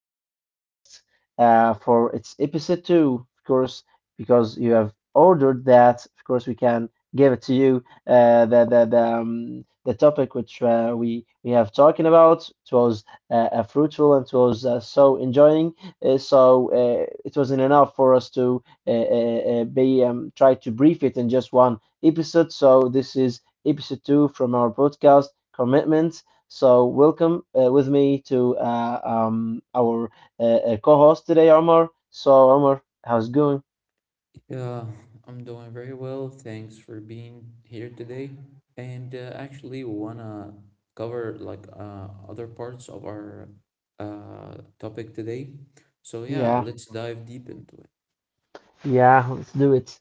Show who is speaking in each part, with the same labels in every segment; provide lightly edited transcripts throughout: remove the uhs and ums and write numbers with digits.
Speaker 1: new podcast for its episode two. Of course, because you have ordered that, of course, we can give it to you. The topic which we have talking about it was uh, fruitful, and it was so enjoying. So it wasn't enough for us to be try to brief it in just one episode. So this is episode two from our podcast commitment. So welcome with me to our co-host today, Omar. So Omar, how's it going?
Speaker 2: Yeah, I'm doing very well. Thanks for being here today. And actually, we wanna cover like other parts of our topic today. So yeah,
Speaker 1: Yeah,
Speaker 2: let's dive deep into it.
Speaker 1: yeah, let's do it.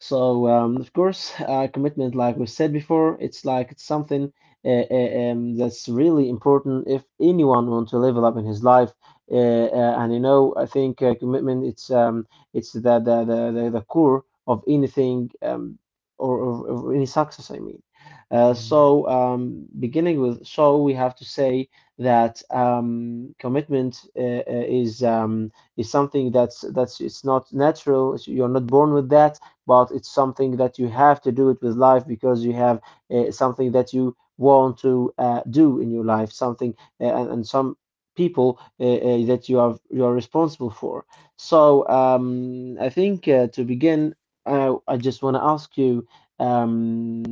Speaker 1: So of course, commitment, like we said before, it's like it's something that's really important if anyone want to level up in his life. Uh, and you know, I think commitment it's it's the core of anything or any success. I mean,
Speaker 2: Mhm.
Speaker 1: beginning with, so we have to say that commitment is is something that's it's not natural. You're not born with that, but it's something that you have to do it with life because you have something that you want to do in your life, something and some people that you are responsible for. So I think to begin, I just want to ask you, um,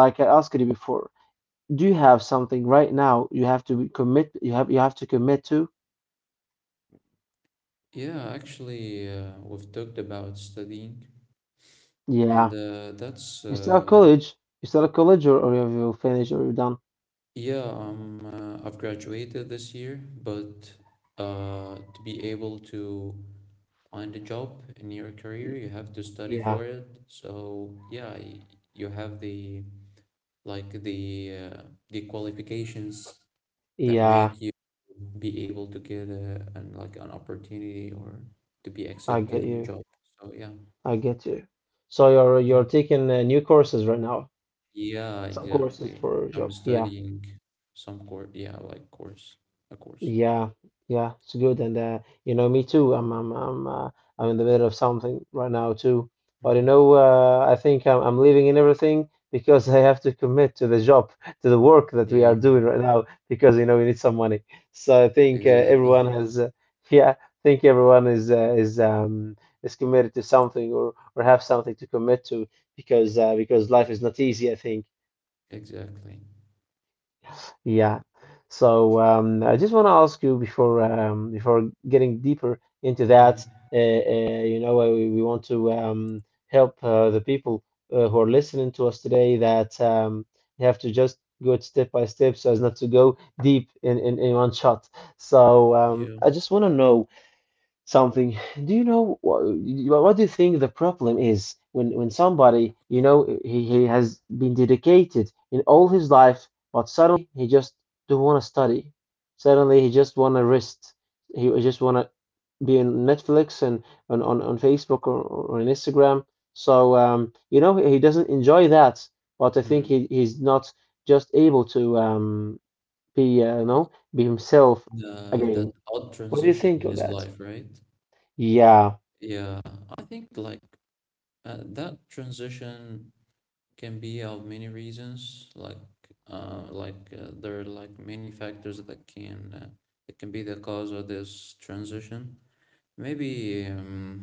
Speaker 1: like I asked you before, do you have something right now you have to be commit you have to commit to?
Speaker 2: Yeah, actually, we've talked about studying, and
Speaker 1: Yeah.
Speaker 2: that's
Speaker 1: You still at college? You still at college, or have you finished or you're done?
Speaker 2: yeah. I've graduated this year, but to be able to find a job in your career
Speaker 1: Y-
Speaker 2: you have to study for
Speaker 1: Yeah.
Speaker 2: it, so yeah, you have the like the qualifications that
Speaker 1: Yeah.
Speaker 2: make you be able to get a an like an opportunity or to be
Speaker 1: I
Speaker 2: accepted
Speaker 1: get
Speaker 2: in a
Speaker 1: you.
Speaker 2: job, so yeah.
Speaker 1: I get you. So you're
Speaker 2: Mm.
Speaker 1: taking new courses right now.
Speaker 2: Yeah,
Speaker 1: Some courses
Speaker 2: exactly.
Speaker 1: for a
Speaker 2: I'm
Speaker 1: job. Yeah.
Speaker 2: studying some course yeah like course a course
Speaker 1: Yeah, yeah, it's good. And you know, me too. I'm in the middle of something right now too. But you
Speaker 2: Hmm.
Speaker 1: know, I think I'm leaving in everything because I have to commit to the job, to the work that we are
Speaker 2: Yeah,
Speaker 1: doing right now because you know we need some money. So I think
Speaker 2: exactly.
Speaker 1: everyone has, yeah, I think everyone is is is committed to something or have something to commit to because life is not easy, I think.
Speaker 2: Exactly.
Speaker 1: Yeah. So I just want to ask you before before getting deeper into that,
Speaker 2: Hmm.
Speaker 1: you know, we want to help the people who are listening to us today that you have to just go it step by step so as not to go deep in one shot. So
Speaker 2: Yeah.
Speaker 1: I just want to know something. Do you know what do you think the problem is when somebody, you know, he has been dedicated in all his life, but suddenly he just don't want to study. Suddenly he just want to rest. He just want to be on Netflix and on Facebook, or on Instagram. So you know, he doesn't enjoy that, but I think
Speaker 2: Mm,
Speaker 1: he's not just able to be, you know, be himself
Speaker 2: the that
Speaker 1: again.
Speaker 2: odd
Speaker 1: What do you
Speaker 2: transition
Speaker 1: think
Speaker 2: in
Speaker 1: of
Speaker 2: his
Speaker 1: that?
Speaker 2: life, right?
Speaker 1: Yeah.
Speaker 2: Yeah, I think like that transition can be of many reasons. There are like many factors that can be the cause of this transition. Maybe,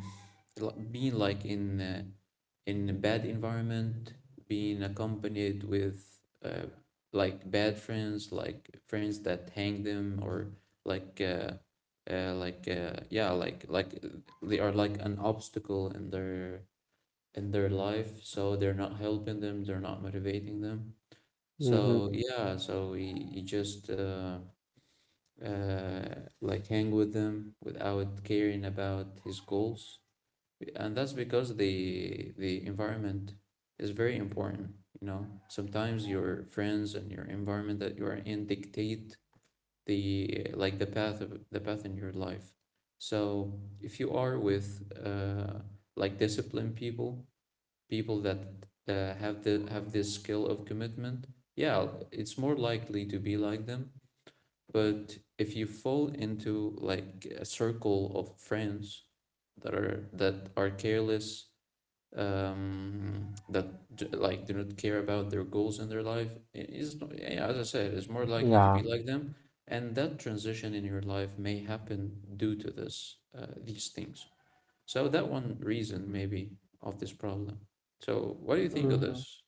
Speaker 2: being like in a bad environment, being accompanied with like bad friends, like friends that hang them, or like uh, yeah, they are like an obstacle in their life, so they're not helping them, they're not motivating them.
Speaker 1: Hmm.
Speaker 2: So yeah, so you just uh, like hang with them without caring about his goals, and that's because the environment is very important. You know, sometimes your friends and your environment that you are in dictate the like the path of the path in your life. So if you are with like disciplined people that have the have this skill of commitment, yeah, it's more likely to be like them. But if you fall into like a circle of friends that are careless, that like do not care about their goals in their life, is not, yeah, as I said, is more likely to
Speaker 1: Yeah.
Speaker 2: be like them, and that transition in your life may happen due to this these things. So that one reason maybe of this problem. So what do you think of
Speaker 1: hmm
Speaker 2: this?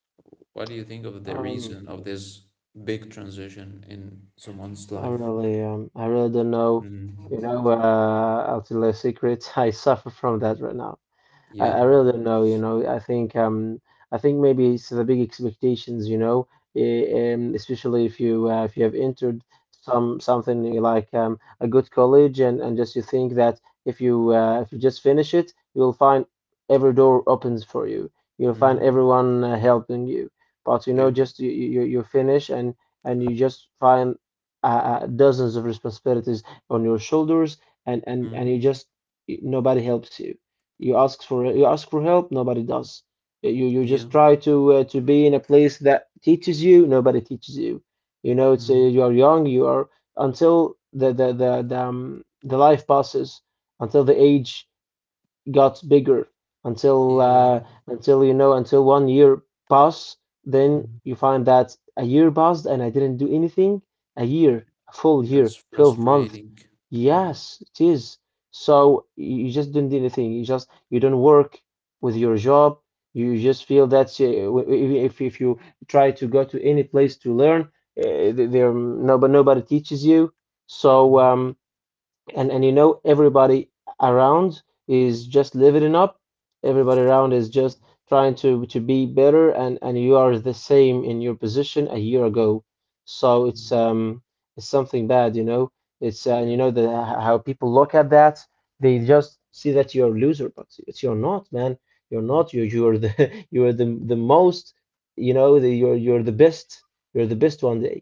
Speaker 2: What do you think of the
Speaker 1: Um,
Speaker 2: reason of this big transition in someone's
Speaker 1: I
Speaker 2: life?
Speaker 1: really, I really don't know,
Speaker 2: Mm.
Speaker 1: you know, I'll tell you a secret. I suffer from that right now. I,
Speaker 2: Yeah.
Speaker 1: I really don't know. You know, I think maybe it's the big expectations. You know, especially if you have entered something like a good college, and just you think that if you just finish it, you'll find every door opens for you. You'll find
Speaker 2: Mm.
Speaker 1: everyone helping you. But you
Speaker 2: Yeah.
Speaker 1: know, just you finish, and you just find dozens of responsibilities on your shoulders, and and you
Speaker 2: Hmm.
Speaker 1: just, nobody helps you, you ask for help, nobody does. You
Speaker 2: Yeah.
Speaker 1: just try to be in a place that teaches you, nobody teaches you. You know, it's
Speaker 2: Mm.
Speaker 1: you are young, you are, until the life passes, until the age got bigger, until
Speaker 2: Yeah.
Speaker 1: until, you know, until 1 year pass, then you
Speaker 2: Mm-hmm.
Speaker 1: find that a year passed and I didn't do anything. A year, a full year,
Speaker 2: That's
Speaker 1: 12 months.
Speaker 2: frustrating. Yeah.
Speaker 1: Yes, it is. So you just didn't do anything. You just you don't work with your job. You just feel that if you try to go to any place to learn, there no, but nobody teaches you. So and you know, everybody around is just living up, everybody around is just trying to be better, and you are the same in your position a year ago. So it's
Speaker 2: Mhm.
Speaker 1: um it's something bad, you know. It's and
Speaker 2: Yeah.
Speaker 1: you know, the how people look at that, they just see that you're a loser, but it's, you're not, man. you're
Speaker 2: Mm.
Speaker 1: not you you're the you're the most, you know, you're the best. You're the best one day,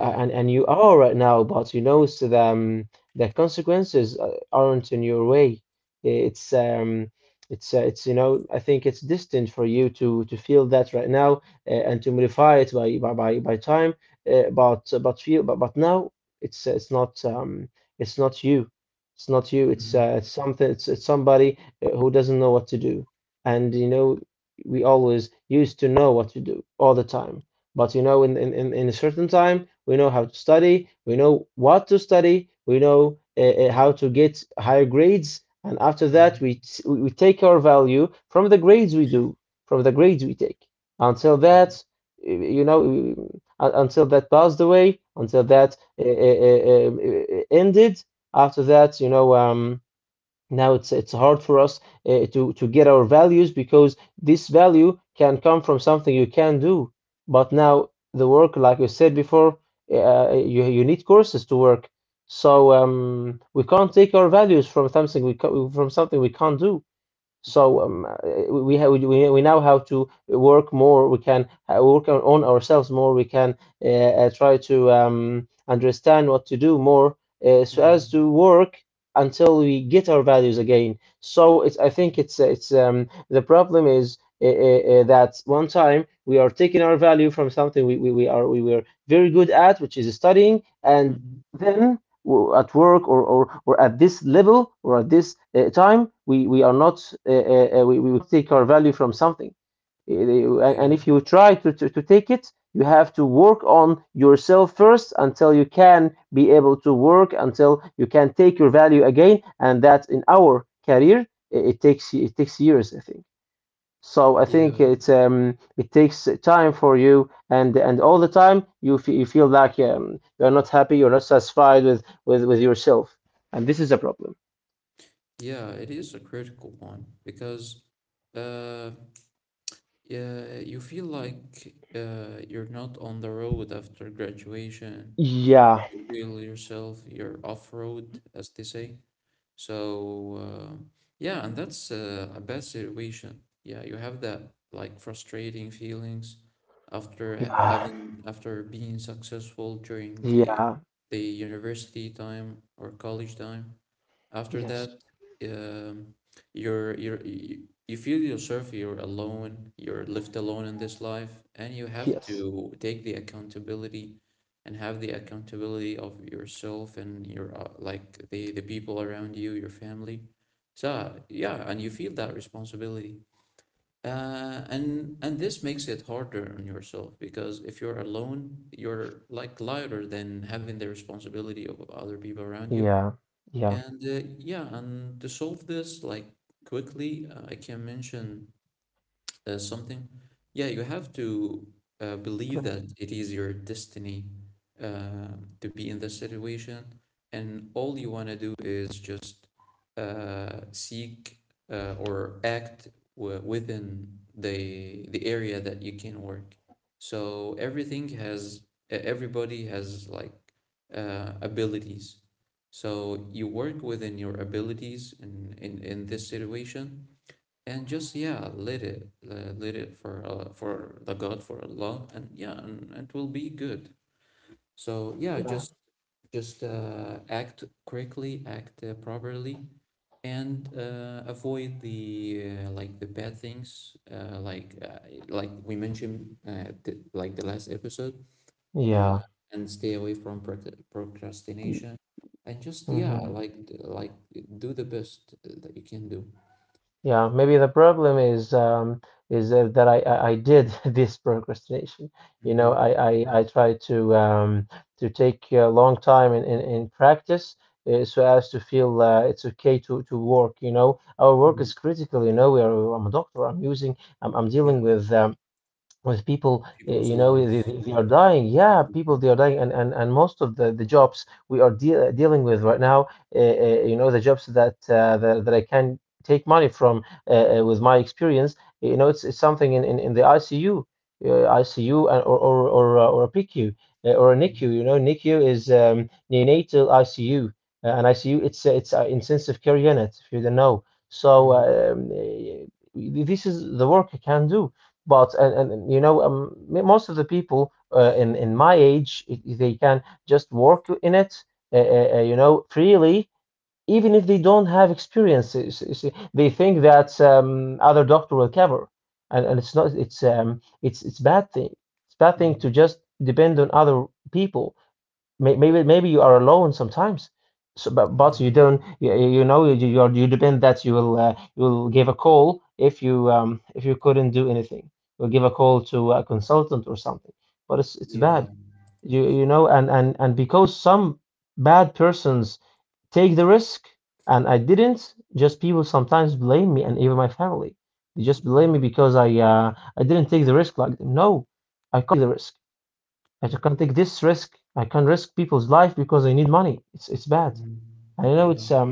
Speaker 1: a- and and you are right now, but you know, so the consequences aren't in your way. It's um, it's you know, I think it's distant for you to feel that right now, and to modify it by time. But feel, but now it's not, it's not you. It's not you. It's
Speaker 2: Mhm.
Speaker 1: something. It's somebody who doesn't know what to do. And you know, we always used to know what to do all the time. But you know, in a certain time, we know how to study, we know what to study, we know how to get higher grades, and after that,
Speaker 2: Mhm.
Speaker 1: we take our value from the grades we do, from the grades we take. Until
Speaker 2: Yeah.
Speaker 1: that, you know, until that passed away, until that ended. After that, you know, now it's hard for us to get our values because this value can come from something you can do. But now the work, like you said before, you need courses to work. So we can't take our values from from something we can't do.
Speaker 2: Mm.
Speaker 1: So we now have to work more. We can work on ourselves more. We can try to understand what to do more, so
Speaker 2: Yeah.
Speaker 1: as to work until we get our values again. So it's I think it's the problem is. That one time we are taking our value from something we were very good at, which is studying, and
Speaker 2: Mhm.
Speaker 1: then at work, or at this level, or at this time, we are not, we take our value from something. And,
Speaker 2: Yeah.
Speaker 1: if you try to take it, you have to work on yourself first until you can be able to work, until you can take your value again. And that, in our career, it takes years, I think. So I think
Speaker 2: Yeah.
Speaker 1: it takes time for you, and all the time you feel like you're not happy, you're not satisfied with yourself. And this is a problem.
Speaker 2: Yeah. It is a critical one because uh yeah, you feel like you're not on the road after graduation.
Speaker 1: Yeah.
Speaker 2: You feel yourself, you're off road, as they say. So yeah, and that's a bad situation. Yeah, you have that like frustrating feelings after
Speaker 1: Yeah.
Speaker 2: having, after being successful during
Speaker 1: Yeah.
Speaker 2: the university time or college time. After
Speaker 1: Yes.
Speaker 2: that, um, you feel yourself, you're alone, you're left alone in this life, and you have
Speaker 1: Yes.
Speaker 2: to take the accountability and have the accountability of yourself and your like the people around you, your family. So yeah, and you feel that responsibility. And this makes it harder on yourself because if you're alone, you're like lighter than having the responsibility of other people around you.
Speaker 1: Yeah. Yeah.
Speaker 2: And yeah, and to solve this like quickly, I can mention something. Yeah, you have to believe
Speaker 1: Good.
Speaker 2: that it is your destiny to be in this situation, and all you want to do is just seek or act within the area that you can work. So everybody has like abilities. So you work within your abilities in this situation, and just yeah, let it for the god, for Allah, and yeah, and it will be good. So yeah,
Speaker 1: Yeah.
Speaker 2: just act correctly, act properly, and avoid the like the bad things, like we mentioned like the last episode, uh,
Speaker 1: Yeah.
Speaker 2: and stay away from procrastination, and just yeah,
Speaker 1: Mm-hmm.
Speaker 2: like like do the best that you can do.
Speaker 1: Yeah, maybe the problem is is that I did this procrastination. You know,
Speaker 2: Mm-hmm.
Speaker 1: I try to take a long time in practice, so as to feel it's okay to work. You know, our work
Speaker 2: Mm-hmm.
Speaker 1: is critical. You know, I'm a doctor. I'm using. I'm dealing
Speaker 2: Yeah.
Speaker 1: with. With people,
Speaker 2: People's
Speaker 1: you know, they,
Speaker 2: lives.
Speaker 1: they they are dying. Yeah, people,
Speaker 2: Mhm.
Speaker 1: they are dying, and most of the jobs we are dealing with right now, you know, the jobs that that I can take money from, with my experience, you know, it's something in the ICU, ICU, and, or a PQ, or a NICU.
Speaker 2: Mhm.
Speaker 1: You know, NICU is, neonatal ICU, and ICU, it's an intensive care unit, if you don't know. so
Speaker 2: Mhm.
Speaker 1: um, uh, this is the work I can do. But and, and you know, most of the people, in my age, they can just work in it, you know, freely, even if they don't have experiences. You see, they think that, other doctor will cover, and it's not. It's bad thing. It's bad thing to just depend on other people. Maybe you are alone sometimes, so, but
Speaker 2: Mhm.
Speaker 1: you don't, you know, you, are, you depend that you will, you will give a call if you, if you couldn't do anything, you'll give a call to a consultant or something, but it's
Speaker 2: Yeah.
Speaker 1: bad, you know. And because some bad persons take the risk, and I didn't. Just, people sometimes blame me, and even my family, they just
Speaker 2: Yeah.
Speaker 1: blame me because I, I didn't take the risk like them. No, I caught the risk. I just can't take this risk. I can't risk people's life because I need money. It's bad.
Speaker 2: Mhm.
Speaker 1: I know
Speaker 2: Yeah.
Speaker 1: it's um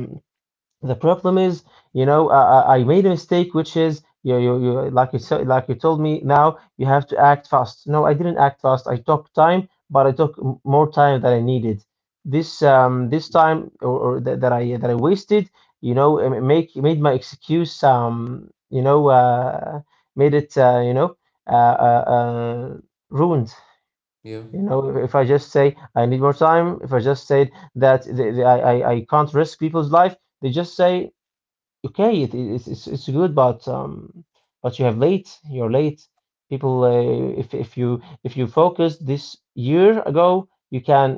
Speaker 1: the problem is, you know, I made a mistake, which is, you, like you said, like you told me now, you have to act fast. No, I didn't act fast. I took time, but I took more time than I needed. This, this time or that, that I wasted, you know, it make made my excuse, you know, made it you know, uh, uh,
Speaker 2: Mhm.
Speaker 1: uh ruined.
Speaker 2: Yeah.
Speaker 1: You know, if I just say I need more time, if I just say that the, I can't risk people's life, they just say, okay, it's it's good, but, but you have late. You're late. People, if if you focus this year ago, you can,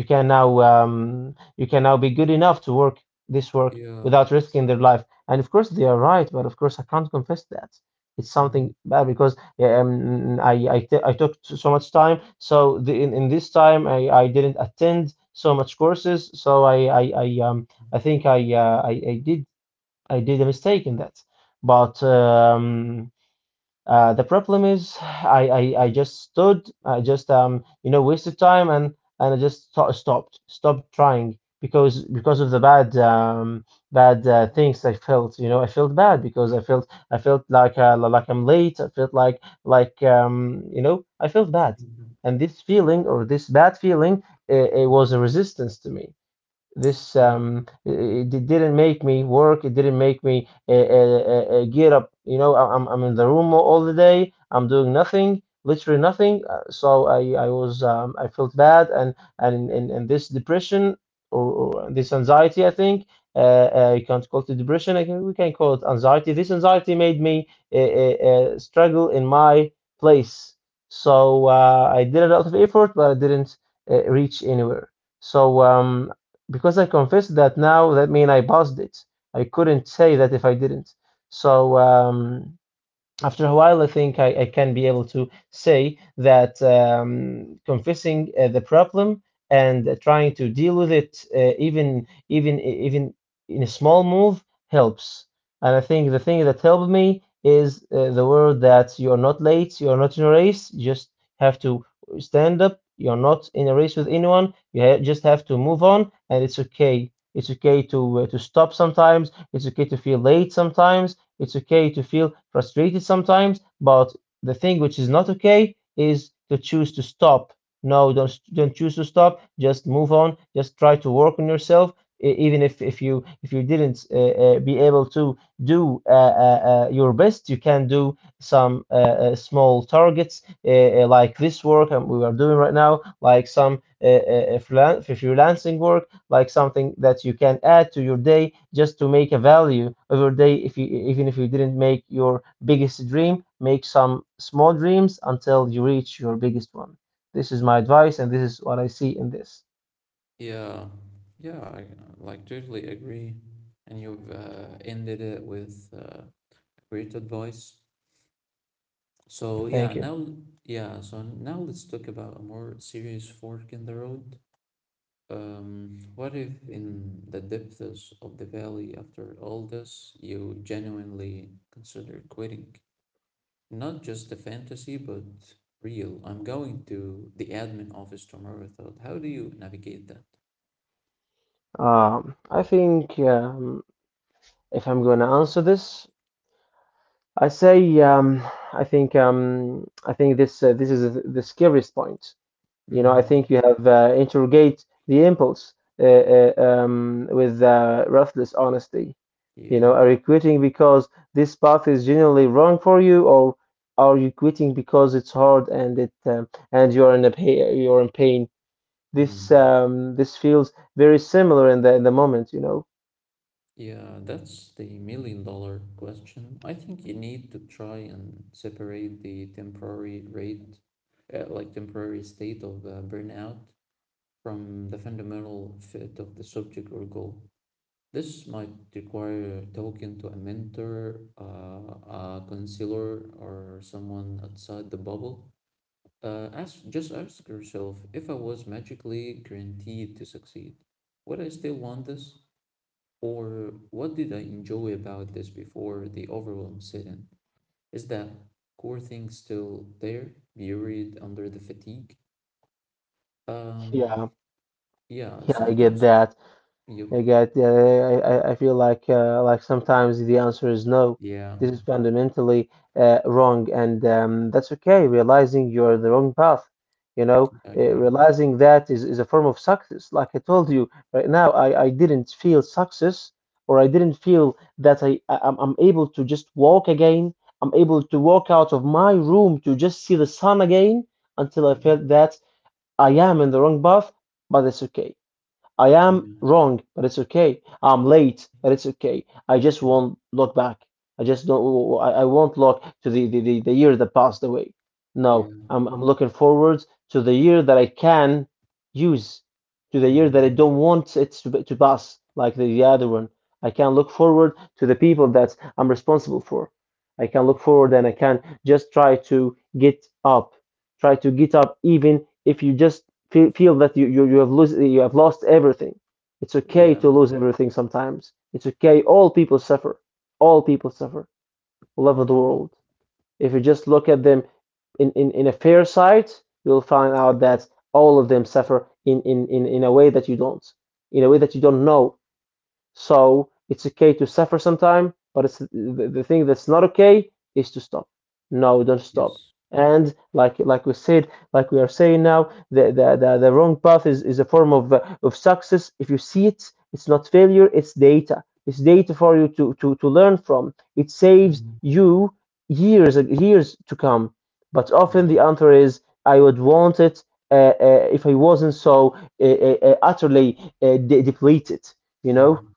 Speaker 1: you can now, you can now be good enough to work this work
Speaker 2: Yeah.
Speaker 1: without risking their life. And of course, they are right, but of course, I can't confess that. It's
Speaker 2: Mhm.
Speaker 1: something bad because, yeah, I I took so much time. So the, in this time, I didn't attend so much courses. I think I, I did, I did a mistake in that. But the problem is, I, I just stood, I just, you know, wasted time, and I just stopped, stopped trying because of the bad, bad things I felt. You know, I felt bad because I felt, I felt like, like I'm late. I felt like, you know, I felt bad.
Speaker 2: Mhm.
Speaker 1: And this feeling, or this bad feeling, it was a
Speaker 2: Mhm.
Speaker 1: resistance to me. This
Speaker 2: Yeah.
Speaker 1: It, it didn't make me work. It didn't make me, get up. You know, I'm in the room all the day. I'm doing nothing, literally nothing. So I was, I felt bad, and this depression, or this anxiety, I think, you can't call it depression. I can, we can call it anxiety. This anxiety made me, struggle in my place. So, I did a lot of effort, but I didn't, reach anywhere. so um because I confessed that now, that means I passed it. I couldn't say that if I didn't. So um, After a while, I think I can be able to say that, confessing, the problem, and trying to deal with it, even in a small move, helps. And I think the thing that helped me is, the word that you are not late, you are not in a race. You just have to stand up. You are not in a race with anyone. You ha just have to move on, and it's okay. It's okay to, to stop sometimes. It's okay to feel late sometimes, it's okay to feel frustrated sometimes, but the thing which is not okay is to choose to stop. No, don't choose to stop. Just move on. Just try to work on yourself. Even if you, if you didn't, be able to do, uh, your best, you can do some, small targets, like this work and we are doing right now, like some, freelancing work, like something that you can add to your day just to make a value of your day. If you, even if you didn't make your biggest dream, make some small dreams until you reach your biggest one. This is my advice, and this is what I see in this.
Speaker 2: Yeah. Yeah. I like totally agree. And you've ended it with great advice. So yeah,
Speaker 1: Thank you.
Speaker 2: now, yeah, so now let's talk about a more serious fork in the road. What if in the depths of the valley, after all this, you genuinely consider quitting? Not just the fantasy, but real. I'm going to the admin office tomorrow. I thought, how do you navigate that?
Speaker 1: I think, if I'm going to answer this, I say, I think, I think this, this is the scariest point. You know, I think
Speaker 2: Mm-hmm.
Speaker 1: you have, interrogate the impulse, with, ruthless honesty. You
Speaker 2: Yeah.
Speaker 1: know, are you quitting because this path is genuinely wrong for you, or are you quitting because it's hard, and it and you're in a you're in pain?
Speaker 2: Mm.
Speaker 1: This feels very similar in the moment. You know.
Speaker 2: Yeah, that's the million dollar question. I think you need to try and separate the temporary rate, like temporary state of burnout, from the fundamental fit of the subject or goal. This might require talking to a mentor, a counselor, or someone outside the bubble. Just ask yourself, if I was magically guaranteed to succeed, would I still want this? Or what did I enjoy about this before the overwhelm set in? Is that core thing still there, buried under the fatigue? Um,
Speaker 1: Yeah.
Speaker 2: yeah,
Speaker 1: Yeah, I get
Speaker 2: sometimes.
Speaker 1: that.
Speaker 2: Yep.
Speaker 1: I get, yeah, I feel like, like sometimes the answer is no.
Speaker 2: Yeah.
Speaker 1: This is fundamentally, wrong, and, that's okay. Realizing you're the wrong path, you know,
Speaker 2: Exactly.
Speaker 1: realizing that is a form of success. Like I told you right now, I didn't feel success, or I didn't feel that I, I'm able to just walk again. I'm able to walk out of my room to just see the sun again until I
Speaker 2: Yeah.
Speaker 1: felt that I am in the wrong path, but it's okay. I am
Speaker 2: Yeah.
Speaker 1: wrong, but it's okay. I'm late, but it's okay. I just
Speaker 2: Yeah.
Speaker 1: won't look back. I just don't. I won't look to the year that passed away. No,
Speaker 2: Yeah.
Speaker 1: I'm looking forward to the year that I can use, to the year that I don't
Speaker 2: Hmm.
Speaker 1: want it to pass like the other one. I can look forward to the people that I'm responsible for. I can look forward, and I can just try to get up, try to get up, even if you just feel that you, you have lose, you have lost everything. It's okay
Speaker 2: Yeah.
Speaker 1: to lose everything sometimes. It's okay. All people suffer. All people suffer all over the
Speaker 2: Hmm.
Speaker 1: world. If you just look at them in a fair sight, you'll find out that all of them suffer in a way that you don't, in a way that you don't know. So it's okay to suffer sometime, but it's the thing that's not okay is to stop. No, don't stop.
Speaker 2: Yes.
Speaker 1: And like we said, like we are saying now, the wrong path is a form of, of success. If you see it, it's not failure, it's data. It's data for you to to learn from. It saves
Speaker 2: Hmm.
Speaker 1: you years, years to come. But
Speaker 2: Yeah.
Speaker 1: often the answer is, I would want it, if I wasn't so, utterly, depleted. You know.
Speaker 2: Hmm.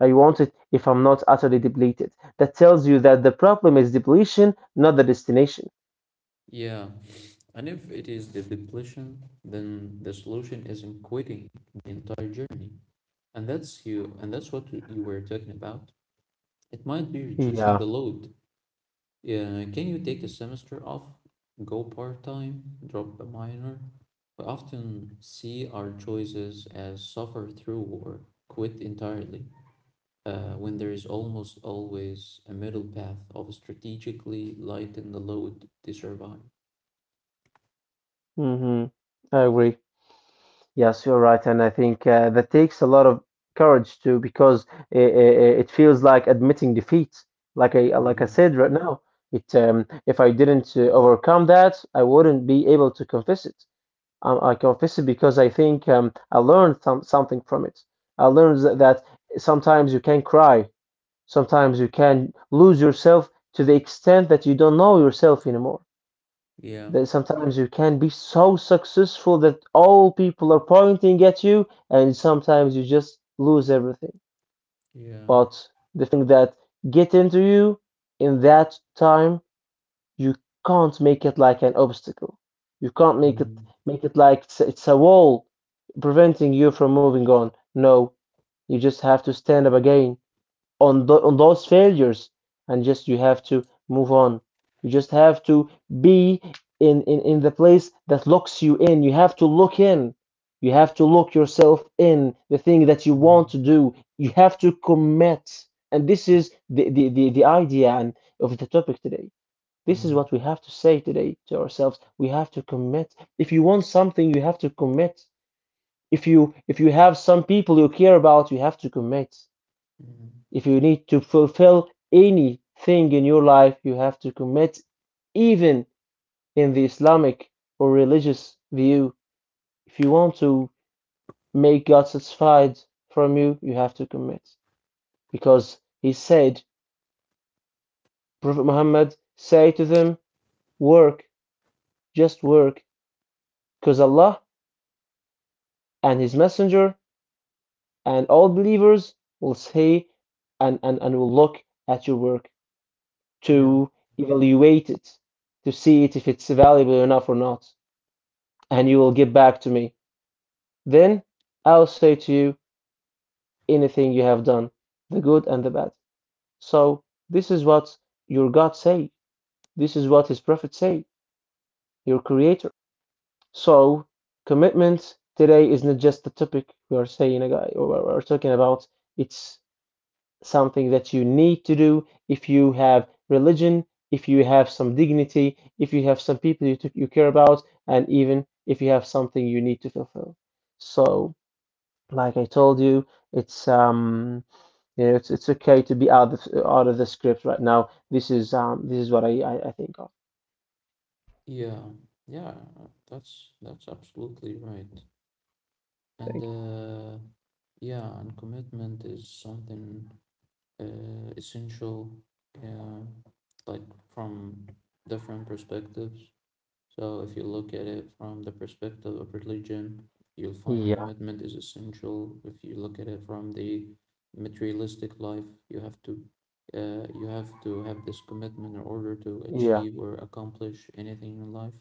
Speaker 1: I want it if I'm not utterly depleted. That tells you that the problem is depletion, not the destination.
Speaker 2: Yeah. And if it is the depletion, then the solution isn't quitting the entire journey. And that's what you were talking about. It might be reducing
Speaker 1: Yeah.
Speaker 2: the load. Yeah, can you take a semester off, go part-time, drop a minor? We often see our choices as suffer through or quit entirely. When there is almost always a middle path of strategically lighten the load to survive.
Speaker 1: Hmm. I agree. Yes, you're right, and I think, that takes a lot of courage too, because it feels like admitting defeat. Like I, like I
Speaker 2: Mhm.
Speaker 1: said right now, it if I
Speaker 2: Yeah,
Speaker 1: didn't, overcome that, I wouldn't be able to confess it. I confess it because I think, I learned something from it. I learned that sometimes you can cry. Sometimes you can lose yourself to the extent that you don't know yourself anymore.
Speaker 2: yeah,
Speaker 1: That sometimes you can be so successful that all people are pointing at you, and sometimes you just lose everything.
Speaker 2: yeah.
Speaker 1: But the thing that get into you in that time, you can't make it like an obstacle. You can't make it,
Speaker 2: Mhm.
Speaker 1: make it like it's a wall preventing you from moving on. No, you just have to stand up again on, on those failures, and just you have to move on. You just have to be in the place that locks you in. You have to look in, you have to lock yourself in the thing that you want to
Speaker 2: Mhm.
Speaker 1: do. You have to commit, and this
Speaker 2: Yeah.
Speaker 1: is the idea and of the topic today. This is
Speaker 2: Mhm.
Speaker 1: what we have to say today to ourselves. We have to commit. If you want something, you have to commit. If you, if you have some people you care about, you have to commit.
Speaker 2: Mhm.
Speaker 1: If you need to fulfill anything in your life, you have to commit, even in the Islamic or religious view. If you want to make God satisfied from you, you have to commit. Because he said, Prophet Muhammad, say to them, work, just work, because Allah and His Messenger and all believers will say and will look at your work
Speaker 2: Yeah.
Speaker 1: to evaluate it, to see it if it's valuable enough or not. And you will get back to me. Then I'll say to you anything you have done, the good and the bad. So this is what your God say. This is what his prophet say, your creator. So commitment today is not just a topic we are saying a guy or we're talking about. It's something that you need to do if you have religion, if you have some dignity, if you have some people you care about, and even if you have something you need to fulfill. So like I told you, it's it's okay to be out of the script right now. This is what I think of.
Speaker 2: Yeah. Yeah. That's absolutely right. And
Speaker 1: Thank
Speaker 2: yeah, and commitment is something essential. Yeah, like from different perspectives. So if you look at it from the perspective of religion, you'll
Speaker 1: you.
Speaker 2: find
Speaker 1: Yeah,
Speaker 2: commitment is essential. If you look at it from the materialistic life, you have to have this commitment in order to
Speaker 1: yeah,
Speaker 2: achieve or accomplish anything in life.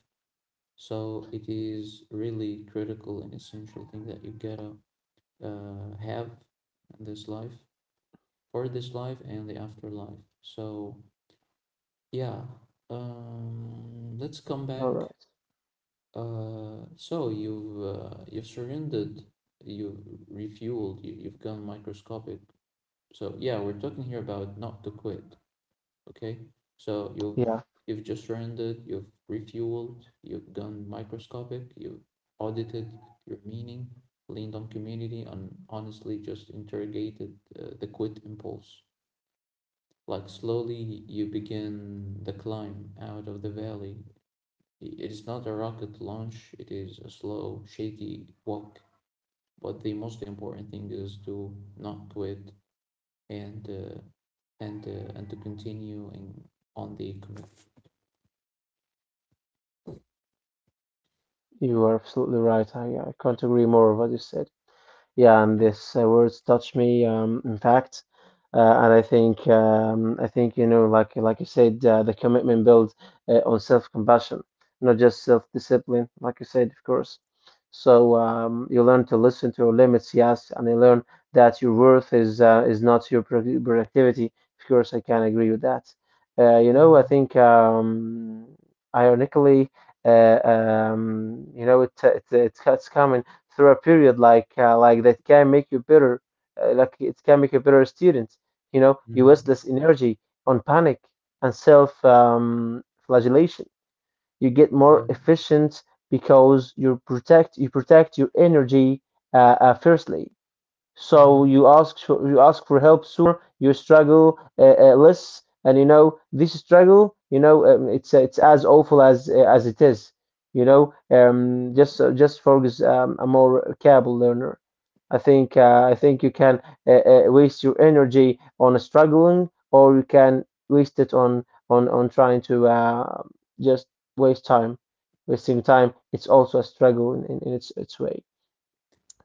Speaker 2: So it is really critical and essential thing that you gotta have in this life, for this life and the afterlife. So yeah, let's come back.
Speaker 1: all right.
Speaker 2: So you've surrendered, you've refueled, you've gone microscopic. So yeah, we're talking here about not to quit, okay? So
Speaker 1: Yeah,
Speaker 2: you've just surrendered, you've refueled, you've gone microscopic, you've audited your meaning, leaned on community, and honestly just interrogated the quit impulse. Like, slowly you begin the climb out of the valley. It is not a rocket launch, it is a slow, shaky walk. But the most important thing is to not quit, and uh, and to continue in on the commitment.
Speaker 1: you are absolutely right. I can't agree more with what you said. Yeah, and
Speaker 2: Yeah.
Speaker 1: these words touch me. In fact, and I think you know, like you said, the commitment builds on self-compassion, not just self-discipline, like you said, of course. So you learn to listen to your limits, yes, and you learn that your worth is not your productivity. Of course, I can agree with that. You know, I
Speaker 2: Mm-hmm.
Speaker 1: think ironically, you know, it's it's common through a period like that can make you better like it can make you better student. You know you waste
Speaker 2: Mm-hmm.
Speaker 1: less energy on panic and self flagellation. You get more
Speaker 2: Yeah.
Speaker 1: efficient because you protect your energy, firstly. So
Speaker 2: Mhm.
Speaker 1: you ask for help sooner, you struggle less, and you know this struggle, you know it's as awful as it is. You know, just focus a more capable learner. I think you can waste your energy on struggling, or you can waste it on trying to just waste time. Wasting time, it's also a struggle in its way.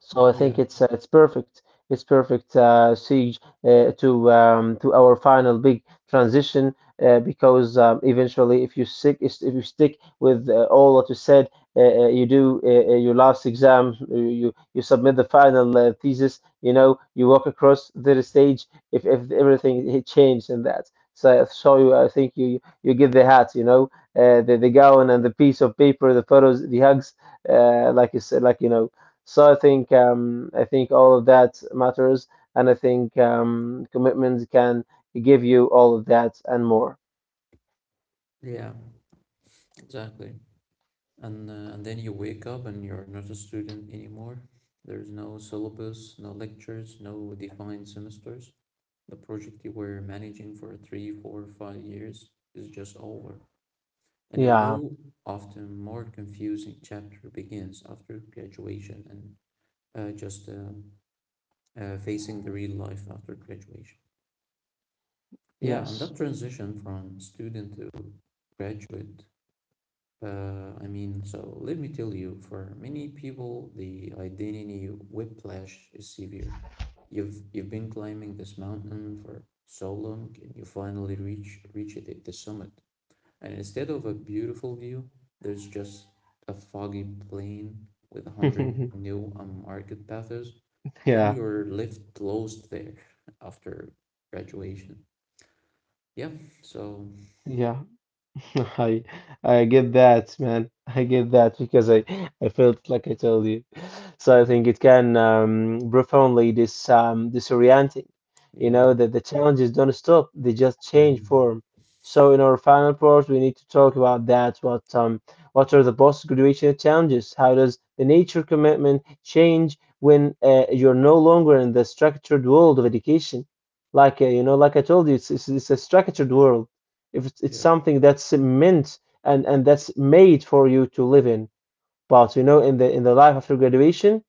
Speaker 1: So I think
Speaker 2: Yeah.
Speaker 1: it's perfect. It's perfect siege to our final big transition, because eventually, if you stick with all what you said, you do your last exam, you submit the final thesis. You know, you walk across the stage if everything it changed and that. So you, I think you give the hat, you know, the gown and the piece of paper, the photos, the hugs, like you said, like you know. So I think all of that matters, and I think commitment can give you all of that and more.
Speaker 2: Yeah. Exactly. And then you wake up and you're not a student anymore. There's no syllabus, no lectures, no defined semesters. The project you were managing for 3, 4, 5 years is just over. And a
Speaker 1: Yeah.
Speaker 2: new, often more confusing chapter begins after graduation, and just facing the real life after graduation. Yeah, and
Speaker 1: Yes.
Speaker 2: that transition from student to graduate, I mean, so let me tell you, for many people, the identity whiplash is severe. You've been climbing this mountain for so long, and you finally reach the summit. And instead of a beautiful view, there's just a foggy plain with 100 new unmarked paths, and
Speaker 1: Yeah.
Speaker 2: you're left lost there after graduation. Yeah, so.
Speaker 1: Yeah. I I get that, man. I get that because I felt like I told you. So I think
Speaker 2: Mm.
Speaker 1: it can profoundly disorienting. You
Speaker 2: Yeah.
Speaker 1: know that the challenges don't stop; they just change
Speaker 2: Mhm.
Speaker 1: form. So in our final part, we need to talk about that. What are the post-graduation challenges? How does the nature commitment change when you're no longer in the structured world of education? Like you know, like I told you, it's a structured world if it's
Speaker 2: Yeah.
Speaker 1: something that's meant and that's made for you to live in. But you know in the life after graduation,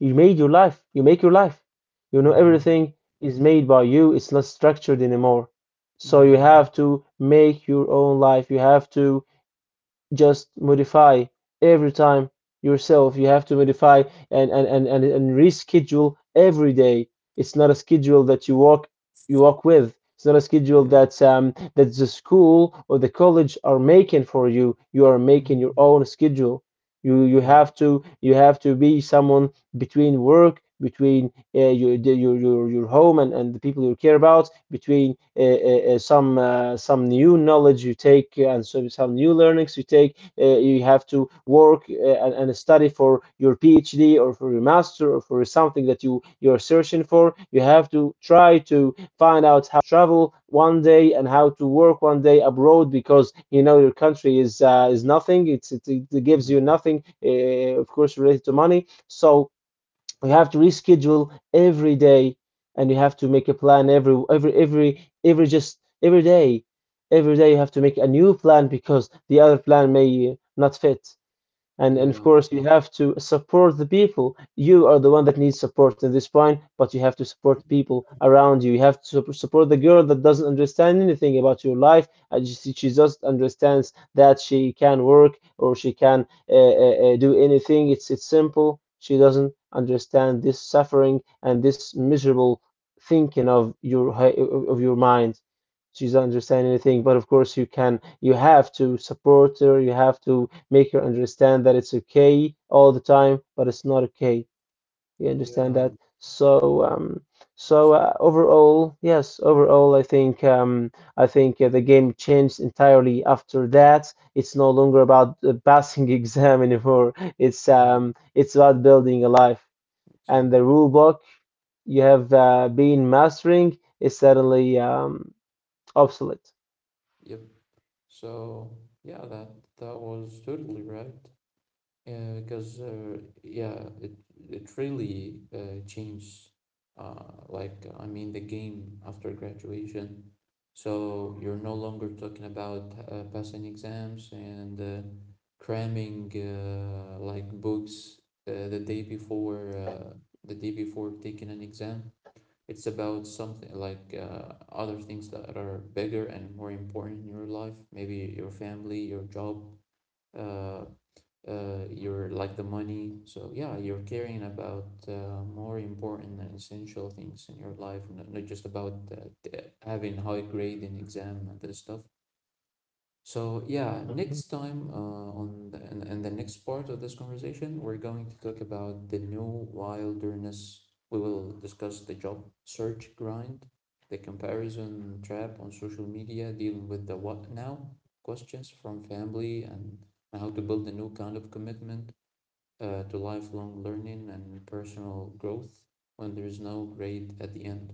Speaker 1: you make your life. You know
Speaker 2: Mhm.
Speaker 1: everything is made by you. It's not structured anymore. So
Speaker 2: Yeah.
Speaker 1: you have to make your own life. You have to just modify every time yourself. You have to modify and reschedule every day. It's not a schedule that you work with. It's not a schedule
Speaker 2: Yeah.
Speaker 1: that that the school or the college are making for you. You are making your
Speaker 2: Mhm.
Speaker 1: own schedule. You
Speaker 2: Yeah.
Speaker 1: have to be someone between work, between your, your home and the people you care about, between some new knowledge you take and so some new learnings you take. You have to work and study for your PhD or for your master or for something that you are searching for. You have to try to find out how to travel one day and how to work one day abroad because you know your country is nothing. It gives you
Speaker 2: Mhm.
Speaker 1: nothing, of course, related to money. So you have to reschedule every day and you have to make a plan every just every day you have to make a new plan because the other plan may not fit. And of
Speaker 2: Yeah.
Speaker 1: course, you have to support the people. You are the one that needs support in this point, but you have to support people around you. You have to support the girl that doesn't understand anything about your life. And she just understands that she can work or she can do anything. It's simple. She doesn't understand this suffering and this miserable thinking of your, of your mind. She doesn't understand anything, but of course you can, you have to support her. You have to make her understand that it's okay all the time, but it's not okay. You understand
Speaker 2: Yeah.
Speaker 1: that? So,
Speaker 2: Yeah.
Speaker 1: so
Speaker 2: Absolutely.
Speaker 1: overall, yes, overall, I think the game changed entirely after that. It's no longer about passing exam anymore.
Speaker 2: Yeah.
Speaker 1: It's about building a life. And the
Speaker 2: Exactly.
Speaker 1: rule book you have been mastering is suddenly obsolete.
Speaker 2: Yep. So yeah, that was totally right. Because yeah, it really changed. Like, I mean, the game after graduation. So you're no longer talking about passing exams and cramming like books uh, the day before uh, the day before taking an exam. It's about something like other things that are bigger and more important in your life. Maybe your family, your job, uh, your like the money. So yeah, you're caring about more important and essential things in your life, not just about t- having high grade in exam and this stuff. So yeah, next time in the next part of this conversation, we're going to talk about the new wilderness. We will discuss the job search grind, the comparison trap on social media, dealing with the "what now" questions from family, and how to build a new kind of commitment to lifelong learning and personal growth when there is no grade at the end.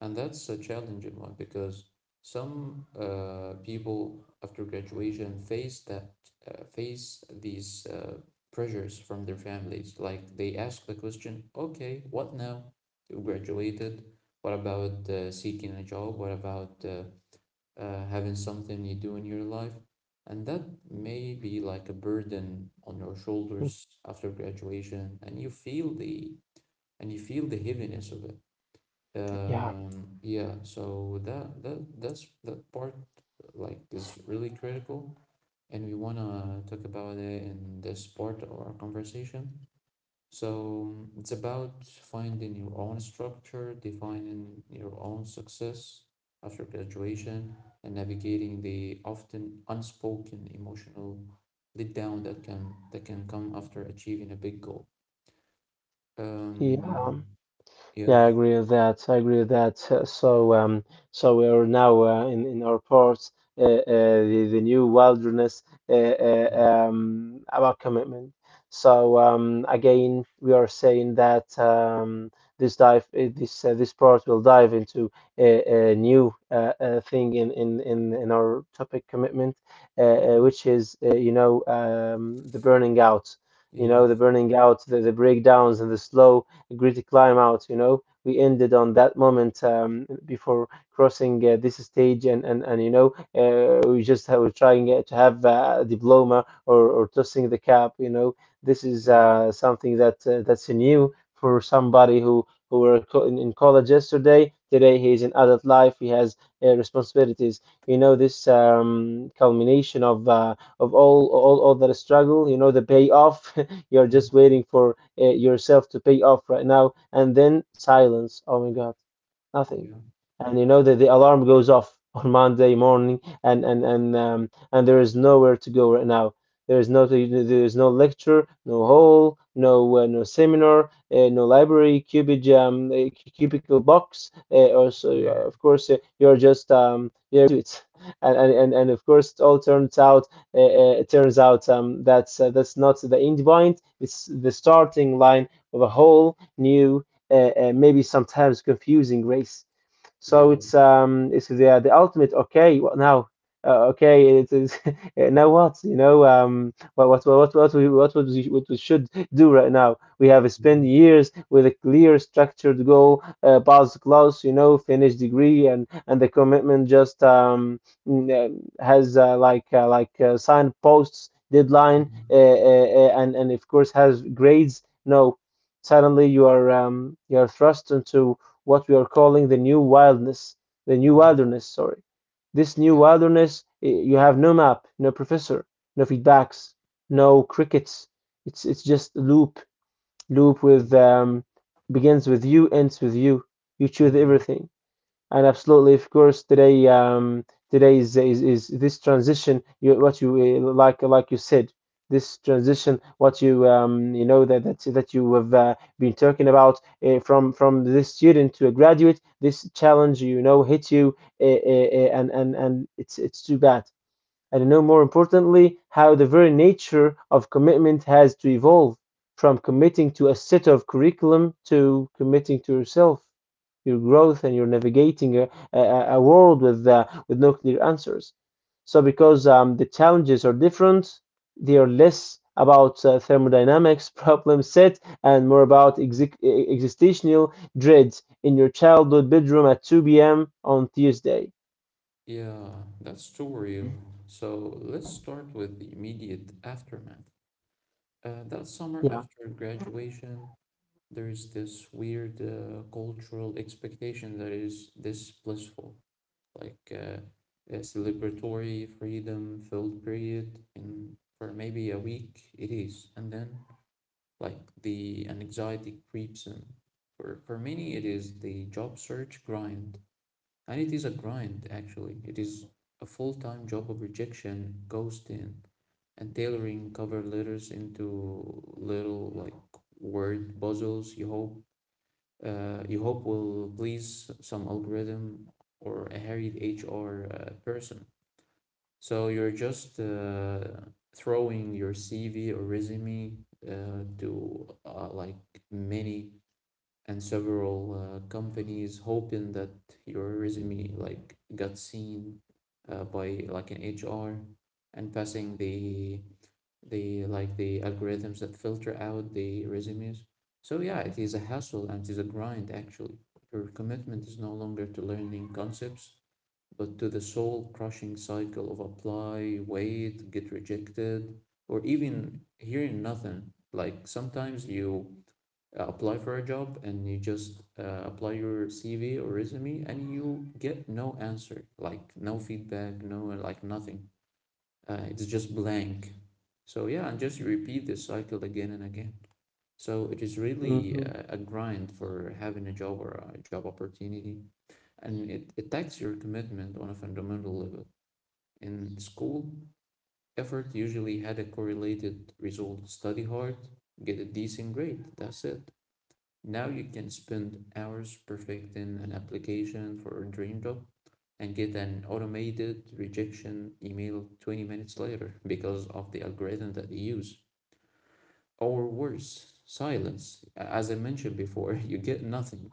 Speaker 2: And that's a challenging one because some people after graduation face these pressures from their families. Like, they ask the question, okay, what now? You graduated. What about seeking a job? What about having something you do in your life. And that may be like a burden on your shoulders after graduation, and you feel the heaviness of it.
Speaker 1: Yeah,
Speaker 2: Yeah, so that's that part like is really critical, and we wanna talk about it in this part of our conversation. So it's about finding your own structure, defining your own success after graduation, and navigating the often unspoken emotional letdown that can come after achieving a big goal. Um,
Speaker 1: yeah.
Speaker 2: yeah.
Speaker 1: Yeah, I agree with that. I agree with that. So, so we are now in our ports, the new wilderness, uh, uh,
Speaker 2: Mhm.
Speaker 1: about commitment. So again, we are saying that this dive, this this part will dive into a new thing in, our topic commitment, which is you know the burning out. You
Speaker 2: Yeah,
Speaker 1: know, the burning out, the breakdowns, and the slow agree to climb out. You know, we ended on that moment before crossing this stage, and you know, we just were trying to have a diploma or tossing the cap. You know, this is
Speaker 2: yeah.
Speaker 1: something that that's new for somebody who were in, college yesterday. Today he is in adult life. He has responsibilities. You know this culmination of all that struggle. You know the payoff. You're
Speaker 2: Mhm.
Speaker 1: just waiting for yourself to pay off right now and then silence, oh my god, nothing.
Speaker 2: Yeah.
Speaker 1: And you know that the alarm goes off on Monday morning, and there is nowhere to go right now. There is no lecture, no hall, no no seminar, no library, cubicle box. Or so,
Speaker 2: Mm-hmm.
Speaker 1: of course, you're just you're to it, and of course, it all turns out. It turns out that's not the end point. It's the starting line of a whole new uh, maybe sometimes confusing race. So
Speaker 2: Yeah.
Speaker 1: it's the ultimate okay what now. Okay, it is now what. You know what we what we should do right now. We have spent
Speaker 2: Mhm.
Speaker 1: years with a clear structured goal, pass class, you know, finish degree, and the commitment just has like signposts deadline,
Speaker 2: Mhm.
Speaker 1: and of course has grades. No, suddenly you are thrust into what we are calling the new wildness, the new
Speaker 2: Mhm.
Speaker 1: wilderness, sorry. This new
Speaker 2: Yeah,
Speaker 1: wilderness, you have no map, no professor, no feedbacks, no crickets. It's just loop, loop
Speaker 2: yeah.
Speaker 1: with begins with you, ends with you. You choose
Speaker 2: Mhm.
Speaker 1: everything. And absolutely, of course, today today is this transition. You what you like you said, this transition. What you you know that you have been talking about from this student to a graduate. This challenge, you know, hit you, and it's too bad and know. More importantly, how the very nature of commitment has to evolve from committing to a set of curriculum to committing to yourself, your growth, and your navigating a world with no clear answers. So because the challenges are different. They are less about thermodynamics problem set and more about existential dreads in your childhood bedroom at 2 p.m. on Tuesday.
Speaker 2: Yeah, that's too real. So let's start with the immediate aftermath. That summer
Speaker 1: Yeah.
Speaker 2: after graduation, there is this weird cultural expectation that is this blissful, like a celebratory freedom filled period in for maybe a week it is, and then like the anxiety creeps in. For many, it is the job search grind, and it is a grind, actually. It is a full time job of rejection, ghosting, and tailoring cover letters into little like word puzzles you hope will please some algorithm or a harried HR person. So you're just throwing your CV or resume to like many and several companies hoping that your resume like got seen by like an HR and passing the like the algorithms that filter out the resumes. So yeah, it is a hassle and it is a grind actually. Your commitment is no longer to learning concepts, but to the soul crushing cycle of apply, wait, get rejected, or even hearing nothing. Like sometimes you apply for a job and you just apply your CV or resume and you get no answer, like no feedback, no like nothing. It's just blank. So yeah, and just repeat this cycle again and again. So it is really
Speaker 1: Mm-hmm.
Speaker 2: a grind for having a job or a job opportunity, and it takes your commitment on a fundamental level. In school, effort usually had a correlated result. Study hard, get a decent grade. That's it. Now you can spend hours perfecting an application for a dream job and get an automated rejection email 20 minutes later because of the algorithm that they use. Or worse, silence. As I mentioned before, you get nothing.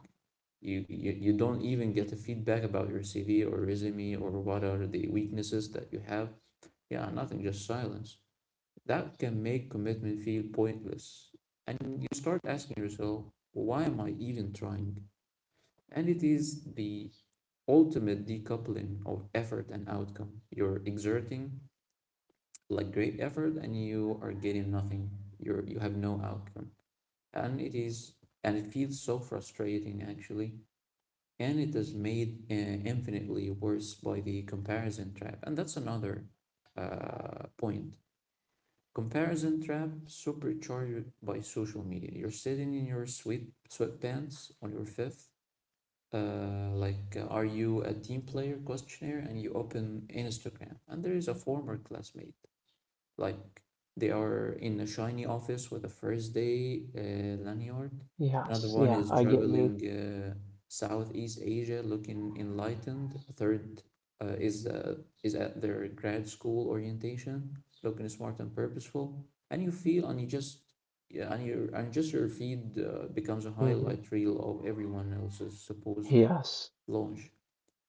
Speaker 2: You don't even get a feedback about your CV or resume or what are the weaknesses that you have. Yeah, nothing, just silence. That can make commitment feel pointless. And you start asking yourself, why am I even trying? And it is the ultimate decoupling of effort and outcome. You're exerting like great effort and you are getting nothing. You have no outcome. And it is and it feels so frustrating actually. And it is made infinitely worse by the comparison trap. And that's another point. Comparison trap supercharged by social media. You're sitting in your sweatpants on your fifth like are you a team player questionnaire, and you open Instagram and there is a former classmate like they are in a shiny office with a first day lanyard, another
Speaker 1: Yes,
Speaker 2: one
Speaker 1: yeah,
Speaker 2: is
Speaker 1: I get
Speaker 2: traveling
Speaker 1: you.
Speaker 2: Southeast Asia looking enlightened, a third uh, is uh, is at their grad school orientation looking smart and purposeful, and you just yeah, and just your feed becomes a
Speaker 1: Hmm.
Speaker 2: highlight reel of everyone else's supposed
Speaker 1: Yes,
Speaker 2: launch.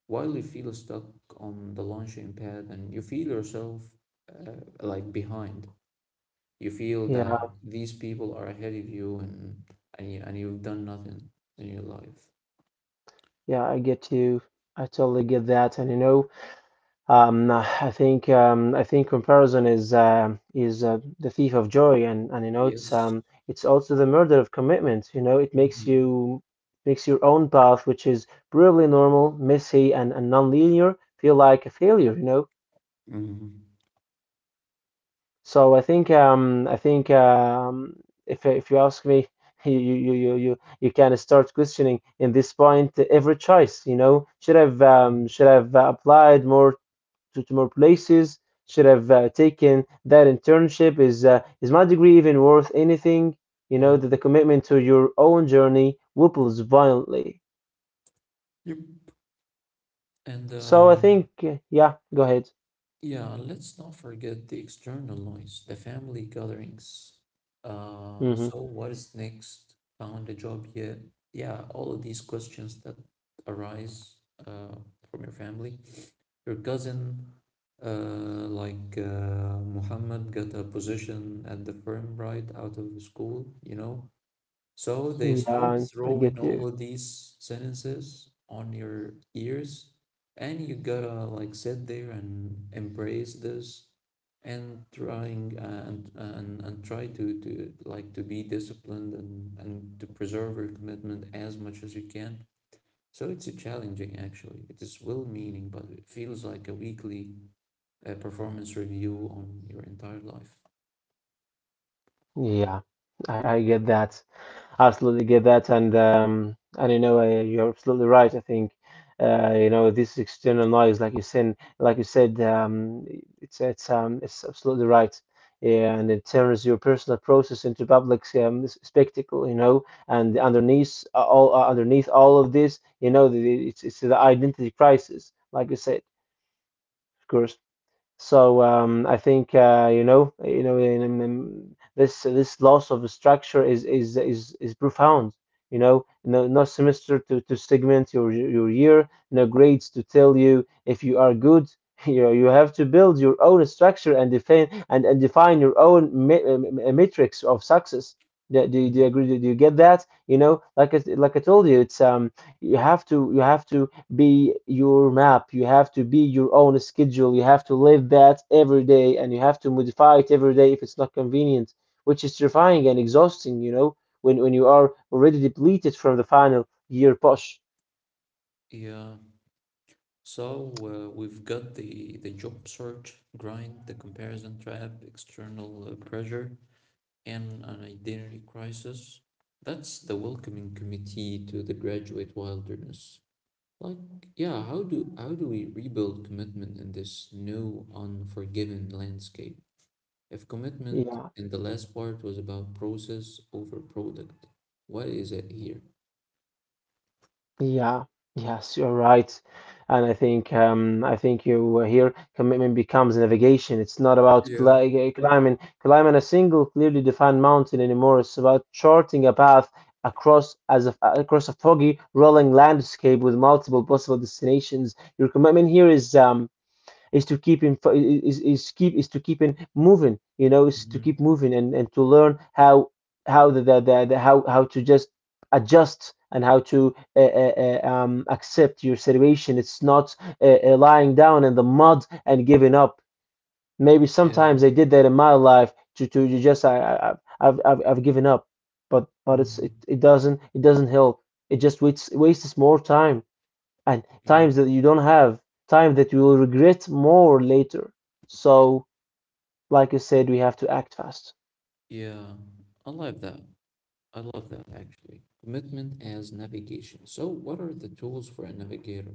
Speaker 2: While you feel stuck on the launching pad and you feel yourself like behind, you feel
Speaker 1: yeah,
Speaker 2: that these people are ahead of you, and you've done nothing in your life.
Speaker 1: yeah, I get you. I totally get that. And you know, I think comparison is the thief of joy, and you know,
Speaker 2: Yes.
Speaker 1: it's also the murder of commitment. You know, it makes
Speaker 2: Hmm.
Speaker 1: your own path, which is probably normal, messy, and non-linear, feel like a failure. You know,
Speaker 2: Hmm.
Speaker 1: so I think if you ask me, you can start questioning in this point every choice. You know, should have applied more to more places. Should have taken that internship. Is my degree even worth anything? You know
Speaker 2: Yeah.
Speaker 1: that the commitment to your own journey wobbles violently.
Speaker 2: Yep. And
Speaker 1: So I think yeah, go ahead.
Speaker 2: Yeah, let's not forget the external noise, the family gatherings. Uh,
Speaker 1: Hmm.
Speaker 2: so what is next? Found a job yet? Yeah, all of these questions that arise uh, from your family. Your cousin, like Muhammad, got a position at the firm right out of school, you know? So they
Speaker 1: Yeah,
Speaker 2: start
Speaker 1: I get
Speaker 2: throwing
Speaker 1: you.
Speaker 2: all of these sentences on your ears, and you gotta like sit there and embrace this, and try to like to be disciplined and to preserve your commitment as much as you can. So it's a challenging actually. It is well-meaning, but it feels like a weekly performance review on your entire life.
Speaker 1: Yeah, I get that. Absolutely get that, and you know, you're absolutely right. I think you know this external noise, like you said, it's it's absolutely right. Yeah, and it turns your personal process into public, spectacle, you know, and underneath all underneath all of this, you know, it's the identity crisis, like you said, of course. So I think you know, in this loss of structure is profound. You know, no semester to segment your year, no grades to tell you if you are good. You know, you have to build your own structure and define your own matrix of success. Do you
Speaker 2: Mhm.
Speaker 1: agree? You get that? You know, like like I told you, it's you have to, be your map. You have to be your own schedule. You have to live that every day, and you have to modify it every day if it's not convenient, which is terrifying and exhausting, you know, when, you are already depleted from the final year push.
Speaker 2: Yeah, so we've got the job search grind, the comparison trap, external pressure, and an identity crisis. That's the welcoming committee to the graduate wilderness. Like, yeah, how do we rebuild commitment in this new unforgiving landscape? If commitment
Speaker 1: Yeah.
Speaker 2: in the last part was about process over product, what is it here?
Speaker 1: Yeah, yes, you're right. And I think you were here. Commitment becomes navigation. It's not about
Speaker 2: Yeah.
Speaker 1: climbing a single clearly defined mountain anymore. It's about charting a path across a foggy, rolling landscape with multiple possible destinations. Your commitment here is to keep in is keep is to keep in moving, you know, is to keep
Speaker 2: Mhm.
Speaker 1: moving, and to learn how the how to just adjust and how to accept your situation. It's not lying down in the mud and giving up. Maybe
Speaker 2: Yeah.
Speaker 1: sometimes I did that in my life, to you just I have I've given up, but it's
Speaker 2: Mhm.
Speaker 1: it, doesn't, help. It just wastes more time, and
Speaker 2: Yeah.
Speaker 1: times that you don't have, time that you will regret more later. So, like I said, we have to act fast.
Speaker 2: Yeah. I like that. I love that actually. Commitment as navigation. So, what are the tools for a navigator?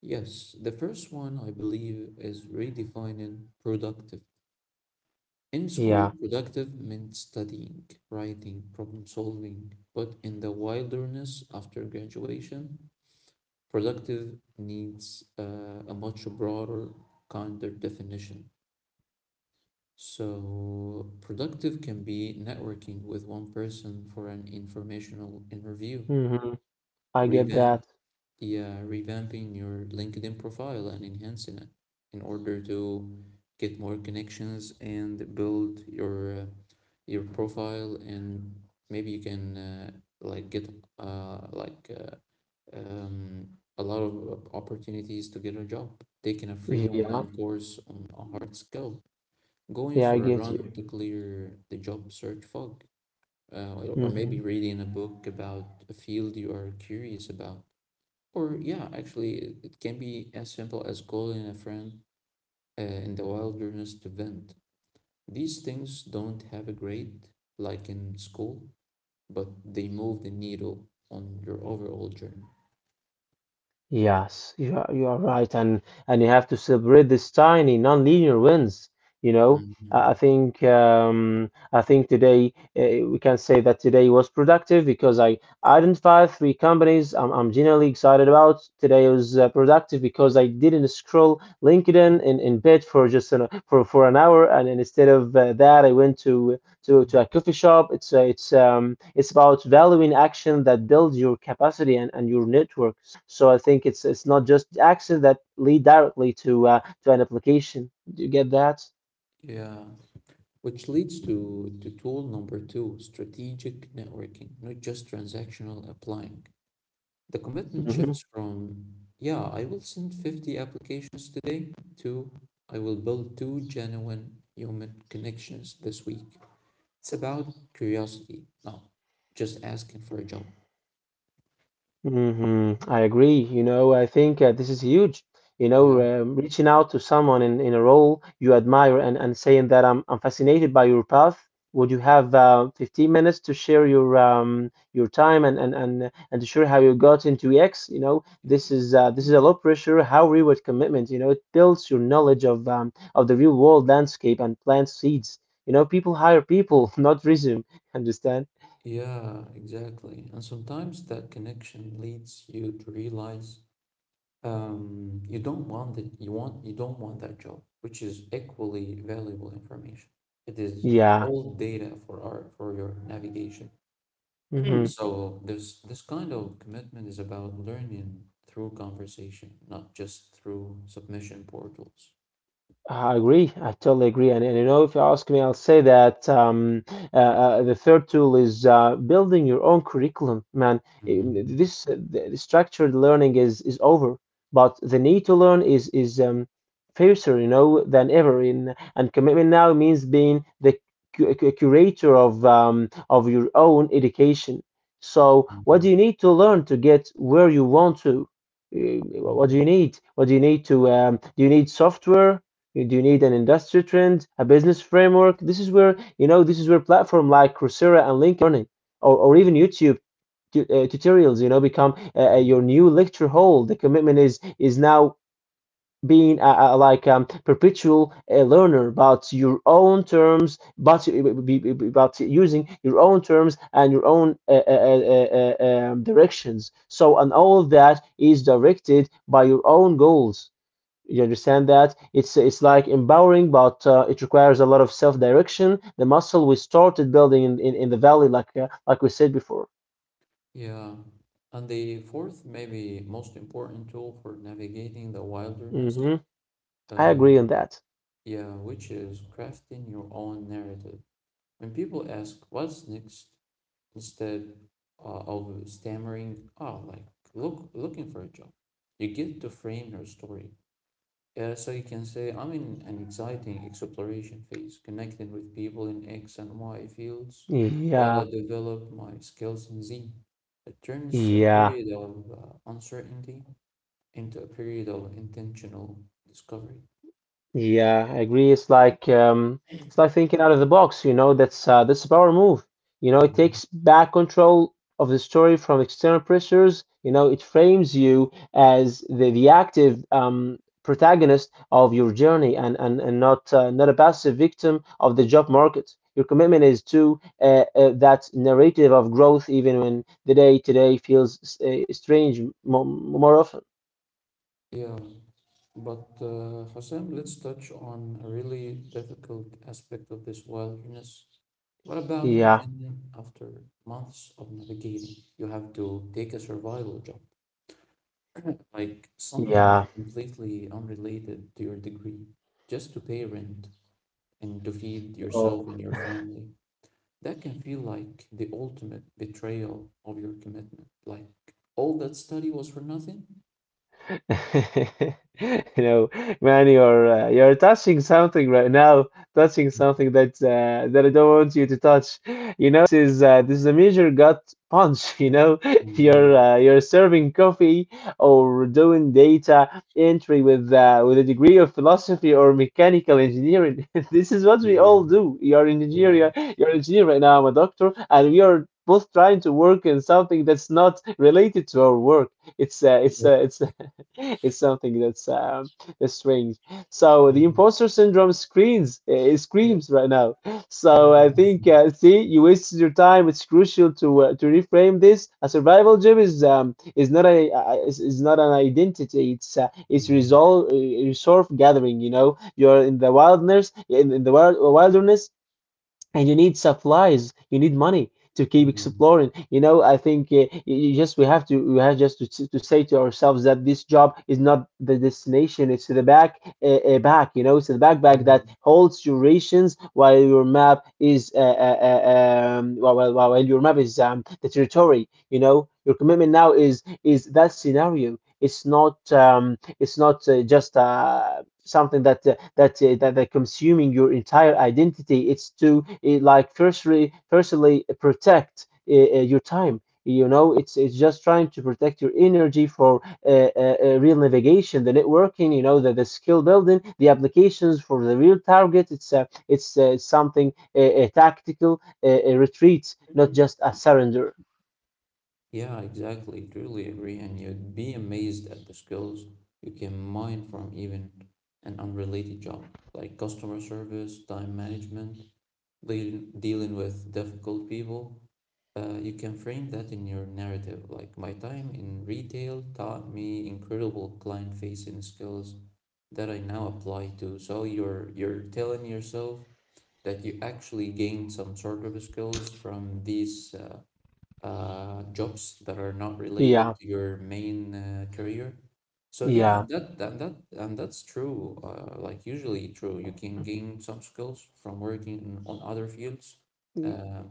Speaker 2: Yes, the first one I believe is redefining productive. In school,
Speaker 1: Yeah.
Speaker 2: productive meant studying, writing, problem solving. But in the wilderness after graduation, productive needs a much broader, kinder definition. So, productive can be networking with one person for an informational interview,
Speaker 1: Hmm. I get
Speaker 2: revamp
Speaker 1: that.
Speaker 2: yeah revamping your LinkedIn profile and enhancing it in order to get more connections and build your profile, and maybe you can like get uh, like uh, um, a lot of opportunities to get a job, taking a free
Speaker 1: Yeah.
Speaker 2: online course on a hard skill, going
Speaker 1: Yeah, I
Speaker 2: for a
Speaker 1: get
Speaker 2: run
Speaker 1: you.
Speaker 2: to clear the job search fog, or
Speaker 1: Hmm.
Speaker 2: maybe reading a book about a field you are curious about, or yeah, actually, it can be as simple as calling a friend in the wilderness to vent. These things don't have a grade like in school, but they move the needle on your overall journey.
Speaker 1: Yes, you are right, and you have to celebrate these tiny non-linear wins. You know, I
Speaker 2: Mhm.
Speaker 1: think today we can say that today was productive because I identified three companies I'm genuinely excited about. Today was productive because I didn't scroll LinkedIn in bed for just an, for an hour, and then instead of that, I went to a coffee shop. It's it's about valuing action that builds your capacity and your network. So I think it's not just access that lead directly to an application. Do you get that?
Speaker 2: Yeah, which leads to tool number two, strategic networking, not just transactional applying. The commitment
Speaker 1: Mm-hmm.
Speaker 2: shifts from, yeah, I will send 50 applications today to, I will build two genuine human connections this week. It's about curiosity, not just asking for a job.
Speaker 1: Hmm. I agree. You know, I think this is huge. You know,
Speaker 2: Yeah.
Speaker 1: reaching out to someone in a role you admire, and, saying that I'm fascinated by your path. Would you have 15 minutes to share your time, and to share how you got into E X? You know,
Speaker 2: Yeah.
Speaker 1: this is a low pressure, high reward commitment. You know, it builds your knowledge of the real world landscape and plants seeds. You know, people hire people, not resume. Understand?
Speaker 2: Yeah, exactly. And sometimes that connection leads you to realize you don't want that job, which is equally valuable information. It is
Speaker 1: Yeah.
Speaker 2: all data for your navigation.
Speaker 1: Hmm.
Speaker 2: So there's this kind of commitment is about learning through conversation, not just through submission portals.
Speaker 1: I agree. I totally agree. And you know, if you ask me, I'll say that the third tool is building your own curriculum. Man, I-
Speaker 2: Mhm.
Speaker 1: this the structured learning is over, but the need to learn is fiercer, you know, than ever. In, and commitment now means being the curator of your own education. So, what
Speaker 2: Mhm.
Speaker 1: do you need to learn to get where you want to? Uh, What do
Speaker 2: Mhm.
Speaker 1: you need? What do you need to? Do you need software? Do you need an industry trend, a business framework? This is where, you know, this is where platform like Coursera and LinkedIn Learning, or even YouTube tutorials, you know, become
Speaker 2: Yeah.
Speaker 1: your new lecture hall. The commitment is now being a like perpetual learner about your own terms, but about using your own terms and your own directions. So, and all of that is directed by your own goals. You understand that it's like empowering, but it requires a lot of self-direction. The muscle we started building in the valley, like we said before.
Speaker 2: Yeah. And the fourth, maybe most important tool for navigating the wilderness,
Speaker 1: Hmm. I
Speaker 2: uh,
Speaker 1: agree on that.
Speaker 2: yeah, which is crafting your own narrative. When people ask, what's next? Instead of stammering, oh, like looking for a job, you get to frame your story. So you can say I'm in an exciting exploration phase, connecting with people in X and Y fields while I
Speaker 1: Yeah,
Speaker 2: develop my skills in Z. It turns a
Speaker 1: yeah.
Speaker 2: period of uncertainty into a period of intentional discovery.
Speaker 1: Yeah, I agree. It's like thinking out of the box. You know, that's a power move. You know, it
Speaker 2: Mhm.
Speaker 1: takes back control of the story from external pressures. You know, it frames you as the active protagonist of your journey, and not not a passive victim of the job market. Your commitment is to that narrative of growth, even when the day today feels strange, mo more often.
Speaker 2: Yeah, but Hossein, let's touch on a really difficult aspect of this wilderness. What about
Speaker 1: Yeah,
Speaker 2: when, after months of navigating, you have to take a survival job? Like
Speaker 1: yeah.
Speaker 2: something completely unrelated to your degree, just to pay rent and to feed yourself and your family. That can feel like the ultimate betrayal of your commitment. Like all that study was for nothing.
Speaker 1: You know, man, you're touching something right now, touching something that that I don't want you to touch. You know, this is a major gut punch. You know,
Speaker 2: Mhm.
Speaker 1: you're serving coffee or doing data entry with a degree of philosophy or mechanical engineering. This is what we all
Speaker 2: Mhm.
Speaker 1: do. You're an
Speaker 2: Yeah.
Speaker 1: engineer.
Speaker 2: Yeah.
Speaker 1: You're an engineer right now. I'm a doctor, and we are both trying to work in something that's not related to our work. It's it's it's something that's strange. So the
Speaker 2: Mhm.
Speaker 1: imposter syndrome screens
Speaker 2: Yeah.
Speaker 1: screams right now. So I
Speaker 2: Yeah.
Speaker 1: think see, you wasted your time. It's crucial to reframe this. A survival job is not is not an identity. It's
Speaker 2: Mhm.
Speaker 1: resolve, resource gathering. You know, you're in the wilderness, wilderness, and you need supplies, you need money to keep
Speaker 2: Mhm.
Speaker 1: exploring. You know, I think you just, we have to, we have just to say to ourselves that this job is not the destination. It's the back, you know, it's the backpack that
Speaker 2: Mhm.
Speaker 1: holds your rations while your map is while your map is the territory. You know, your commitment now is that scenario. It's not it's not just something that that consuming your entire identity. It's to firstly protect your time. You know, it's just trying to protect your energy for real navigation, the networking, you know, the skill building, the applications for the real target. It's something tactical, retreat, not just a surrender.
Speaker 2: Yeah, exactly. Truly agree. And you'd be amazed at the skills you can mine from even an unrelated job, like customer service, time management, dealing with difficult people. You can frame that in your narrative. Like, my time in retail taught me incredible client-facing skills that I now apply to. So you're telling yourself that you actually gained some sort of skills from these jobs that are not related
Speaker 1: Yeah,
Speaker 2: to your main career. So yeah,
Speaker 1: yeah.
Speaker 2: that that that and that's true. Like usually true. You can gain some skills from working on other fields, uh,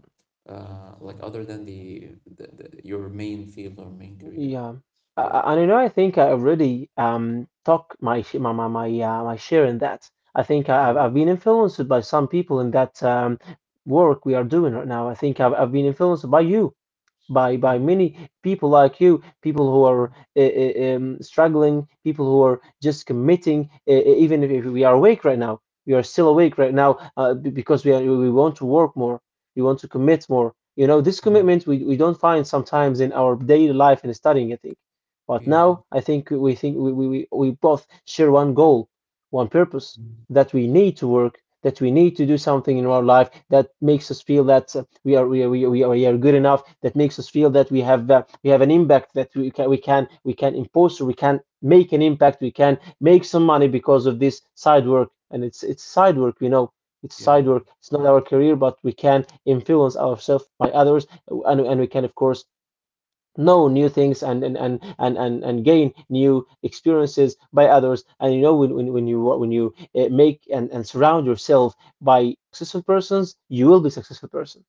Speaker 2: like other than the your main field or main career.
Speaker 1: Yeah, A-
Speaker 2: Yeah.
Speaker 1: a- and you know, I think I already talk my sh- my, my share in that. I think I've
Speaker 2: Mm.
Speaker 1: been influenced by some people in that work we are doing right now. I think I've been influenced by you, by
Speaker 2: Yeah.
Speaker 1: many people like you, people who are struggling, people who are just committing, even if we are awake right now, we are still awake right now because we are, we want to work more, we want to commit more. You know, this
Speaker 2: Mm.
Speaker 1: commitment we don't find sometimes in our daily life and studying, I think. But
Speaker 2: Yeah.
Speaker 1: now I think we both share one goal, one purpose
Speaker 2: Mm.
Speaker 1: that we need to work, that we need to do something in our life that makes us feel that we are good enough, that makes us feel that we have an impact that we can impose, or we can make an impact, we can make some money because of this side work, and it's side work, you know. It's
Speaker 2: Yeah.
Speaker 1: side work. It's not our career, but we can influence ourselves by others, and we can, of course, know new things and gain new experiences by others. And you know when you make, and surround yourself by successful persons, you will be a successful person.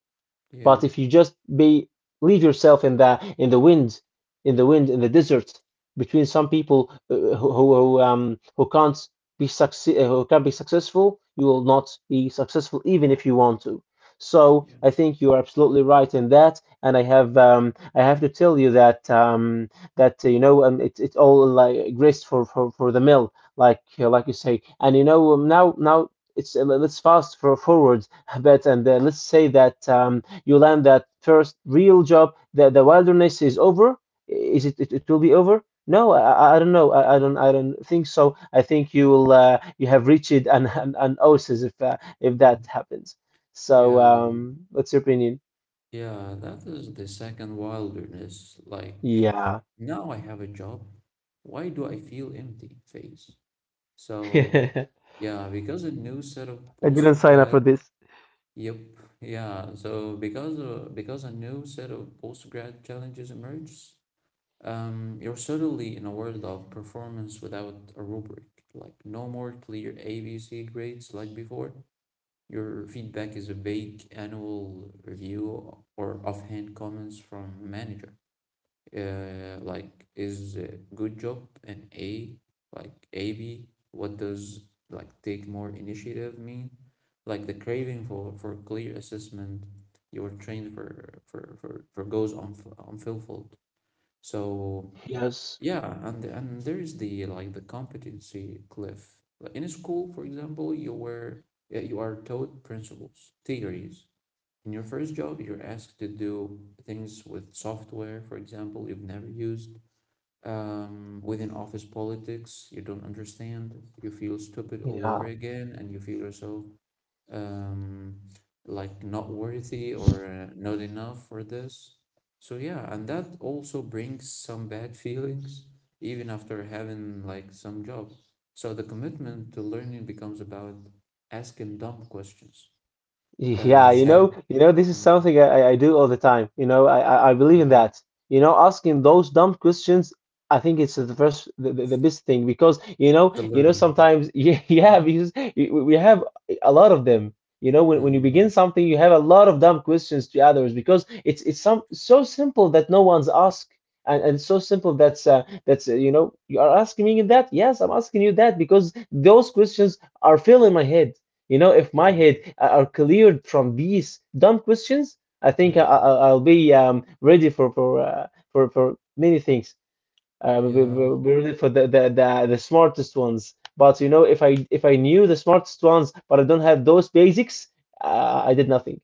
Speaker 2: Yeah.
Speaker 1: But if you just be leave yourself in the wind, in the wind, in the desert, between some people who can't be succe- who can be successful, you will not be successful even if you want to. So I think you are absolutely right in that, and I have to tell you that you know, it it all like grist for, for the mill, like you say. And you know, now it's, let's fast for forward a bit, and let's say that you land that first real job, the wilderness is over. Is it? It will be over. No, I don't know. I don't. I don't think so. I think you will. You have reached an oasis if that happens. So,
Speaker 2: Yeah.
Speaker 1: what's your opinion?
Speaker 2: Yeah, that is the second wilderness. Like,
Speaker 1: Yeah.
Speaker 2: now I have a job. Why do I feel empty phase? So,
Speaker 1: I
Speaker 2: yeah, because a new set of
Speaker 1: didn't sign up
Speaker 2: postgrad,
Speaker 1: for this.
Speaker 2: yep, yeah. So because a new set of postgrad challenges emerges. You're suddenly in a world of performance without a rubric. Like, no more clear ABC grades like before. Your feedback is a vague annual review or offhand comments from a manager. Like, is good job an A? Like, AB? What does like take more initiative mean? Like the craving for clear assessment you were trained for goes on unfulfilled. So
Speaker 1: Yes.
Speaker 2: yeah, and there is the like the competency cliff. Like, in school, for example, you are taught principles, theories. In your first job, you're asked to do things with software, for example, you've never used. Within office politics, you don't understand. You feel stupid all over
Speaker 1: Yeah.
Speaker 2: again, and you feel yourself um, like not worthy or not enough for this. So yeah, and that also brings some bad feelings even after having like some job. So the commitment to learning becomes about asking dumb questions.
Speaker 1: Yeah,
Speaker 2: Uh, shad,
Speaker 1: you know, this is
Speaker 2: Mm,
Speaker 1: something I do all the time. You know, I believe in
Speaker 2: yeah,
Speaker 1: that. You know, asking those dumb questions, I think it's the first, the best thing because
Speaker 2: to
Speaker 1: you know,
Speaker 2: learn.
Speaker 1: sometimes yeah, yeah, because we have a lot of them. You know, when you begin
Speaker 2: Mm,
Speaker 1: something, you have a lot of dumb questions to others because it's some so simple that no one's asked, and so simple that's you know, you are asking me that. Yes, I'm asking you that because those questions are filling my head. You know, if my
Speaker 2: yeah,
Speaker 1: head a- are cleared from these dumb questions, I think
Speaker 2: mm,
Speaker 1: I'll be ready for, for many things. Uh, be, be-
Speaker 2: yeah.
Speaker 1: be ready for the smartest ones. But you know, if I knew the smartest ones, but I don't have those basics, I did nothing.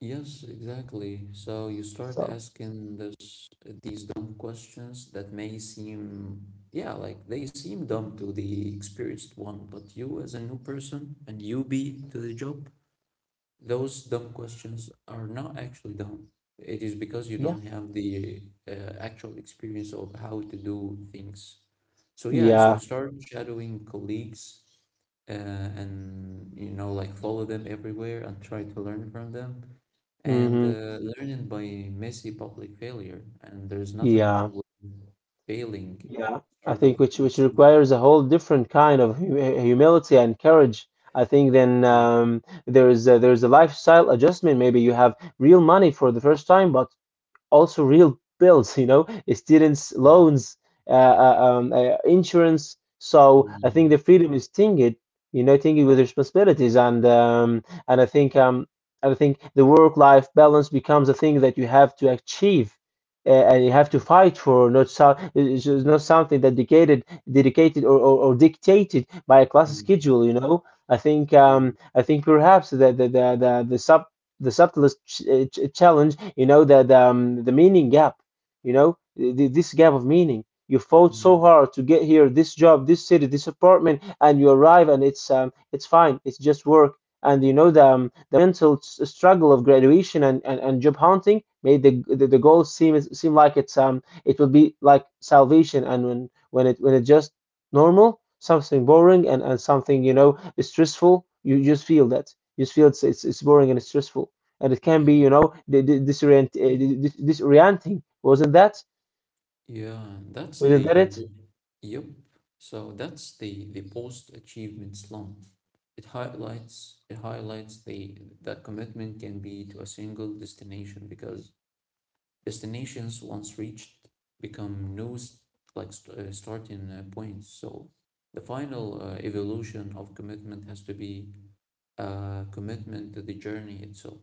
Speaker 2: Yes, exactly. So you start
Speaker 1: So
Speaker 2: asking this these dumb questions that may seem, yeah, like they seem dumb to the experienced one, but you as a new person and newbie to the job, those dumb questions are not actually dumb. It is because you
Speaker 1: yeah,
Speaker 2: don't have the actual experience of how to do things. So yeah, so you
Speaker 1: yeah,
Speaker 2: start shadowing colleagues and you know like follow them everywhere and try to learn from them, and
Speaker 1: hmm,
Speaker 2: learning by messy public failure. And there's nothing wrong
Speaker 1: yeah.
Speaker 2: with failing.
Speaker 1: Yeah, I
Speaker 2: Start of
Speaker 1: think which
Speaker 2: doing
Speaker 1: which
Speaker 2: something.
Speaker 1: requires a whole different kind of hu humility and courage. I think then,
Speaker 2: Mm.
Speaker 1: there is there is a lifestyle adjustment. Maybe you have real money for the first time, but also real bills, you know, students' loans, insurance. So I think
Speaker 2: Mm.
Speaker 1: the freedom is tinged, you know, tinged with responsibilities. And I think, I think the work-life balance becomes a thing that you have to achieve. And you have
Speaker 2: Yeah.
Speaker 1: to fight for, not so, it's just not something that dedicated or, or dictated by a class
Speaker 2: Mm.
Speaker 1: schedule. You know, I think,
Speaker 2: Yeah.
Speaker 1: I think perhaps that the sub the subtlest challenge, you know, that, the meaning gap, you know, this gap of meaning. You fought so
Speaker 2: Mm.
Speaker 1: hard to get here, this job, this city, this apartment, and you arrive and it's, it's fine, it's just work. And you know the mental struggle of graduation and, and job hunting made the goal seem like it's, um, it will be like salvation. And when it just normal, something boring, and something, you know, stressful, you just feel that you feel it's boring and it's stressful, and it can be,
Speaker 2: Yeah.
Speaker 1: you know, disorienting. Wasn't that?
Speaker 2: Yeah, that's
Speaker 1: Wasn't
Speaker 2: the
Speaker 1: that it?
Speaker 2: po- yep. So that's the post achievement slump. It highlights the that commitment can be to a single destination because destinations once reached become new, starting points. So the final evolution of commitment has to be a commitment to the journey itself,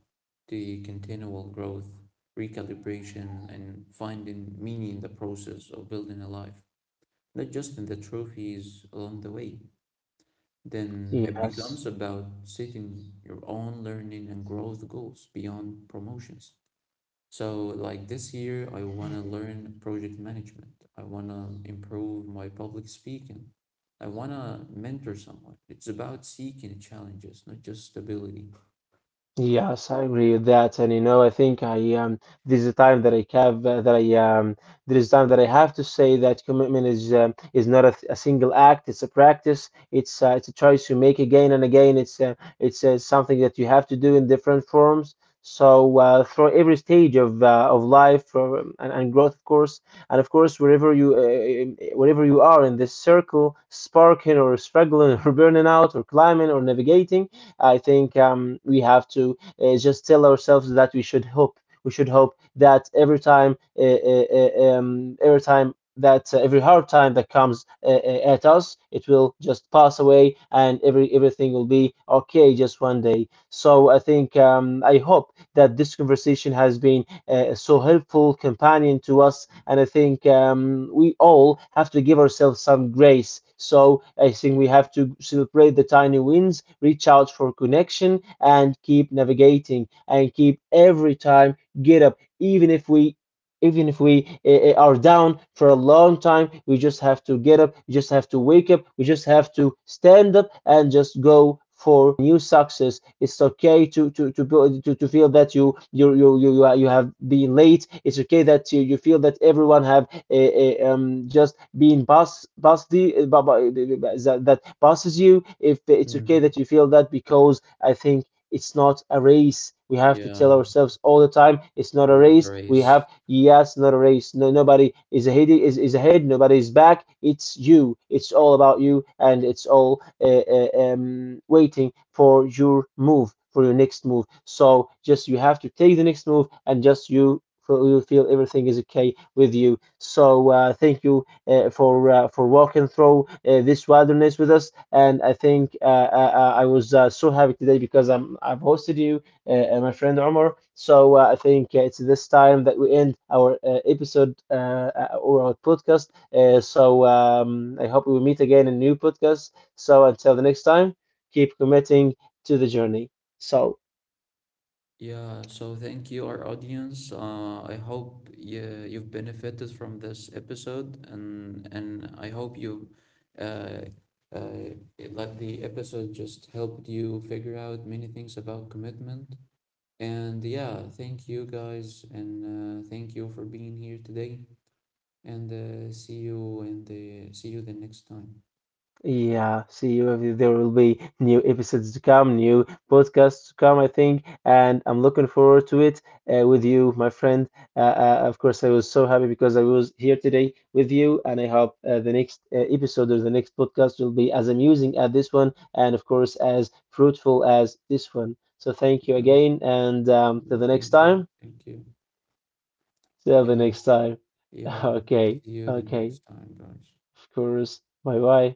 Speaker 2: to continual growth, recalibration, and finding meaning in the process of building a life, not just in the trophies along the way. Then it
Speaker 1: Yes.
Speaker 2: becomes about setting your own learning and growth goals beyond promotions. So, like this year, I want to learn project management. I want to improve my public speaking. I want to mentor someone. It's about seeking challenges, not just stability.
Speaker 1: Yes, I agree with that. And you know, I think I, there's a time that I, there is time that I have to say that commitment is, is not a, a single act; it's a practice. It's, it's a choice you make again and again. It's, something that you have to do in different forms. So, through every stage of, of life, and growth, of course, and of course, wherever you, wherever you are in this circle, sparking or struggling or burning out or climbing or navigating, I think, we have to, just tell ourselves that we should hope. We should hope that every time that, every hard time that comes, at us, it will just pass away, and every everything will be okay just one day. So I think, I hope that this conversation has been, so helpful companion to us. And I think, we all have to give ourselves some grace. So I think we have to celebrate the tiny wins, reach out for connection, and keep navigating, and keep every time get up, even if we, even if we are down for a long time. We just have to get up, we just have to wake up, we just have to stand up and just go for new success. It's okay to feel that you have been late. It's okay that you feel that everyone have, just been past the, that that passes you. If it's okay
Speaker 2: Hmm.
Speaker 1: that you feel that, because I think it's not a race. We have to tell
Speaker 2: Yeah,
Speaker 1: ourselves all the time, it's not a
Speaker 2: you're not
Speaker 1: race.
Speaker 2: a
Speaker 1: We have,
Speaker 2: race.
Speaker 1: yes, not a race. No, nobody is ahead. Is ahead. Nobody is back. It's you. It's all about you, and it's all, waiting for your move, for your next move. So just you have to take the next move, and just you. You feel everything is okay with you. So, thank you, for, for walking through, this wilderness with us. And I think, I was, so happy today because I've hosted you, and my friend Omar. So, I think, it's this time that we end our, episode, or our podcast. So, I hope we will meet again in new podcast. So until the next time, keep committing to the journey. So.
Speaker 2: Yeah, so thank you, our audience. I hope yeah, you've benefited from this episode, and I hope you uh, uh, let the episode just helped you figure out many things about commitment. And yeah, thank you guys, and thank you for being here today. And see you the next time.
Speaker 1: Yeah, see you. If There will be new episodes to come, new podcasts to come, I think, and I'm looking forward to it, with you, my friend. Of course, I was so happy because I was here today with you, and I hope, the next, episode or the next podcast will be as amusing as this one, and of course, as fruitful as this one. So thank you
Speaker 2: Yeah,
Speaker 1: again, and, till
Speaker 2: yeah,
Speaker 1: the next
Speaker 2: thank you,
Speaker 1: time.
Speaker 2: thank you.
Speaker 1: Till the
Speaker 2: Yeah,
Speaker 1: next time.
Speaker 2: yeah.
Speaker 1: Okay,
Speaker 2: See you the
Speaker 1: okay,
Speaker 2: next time, guys.
Speaker 1: of course. Bye bye.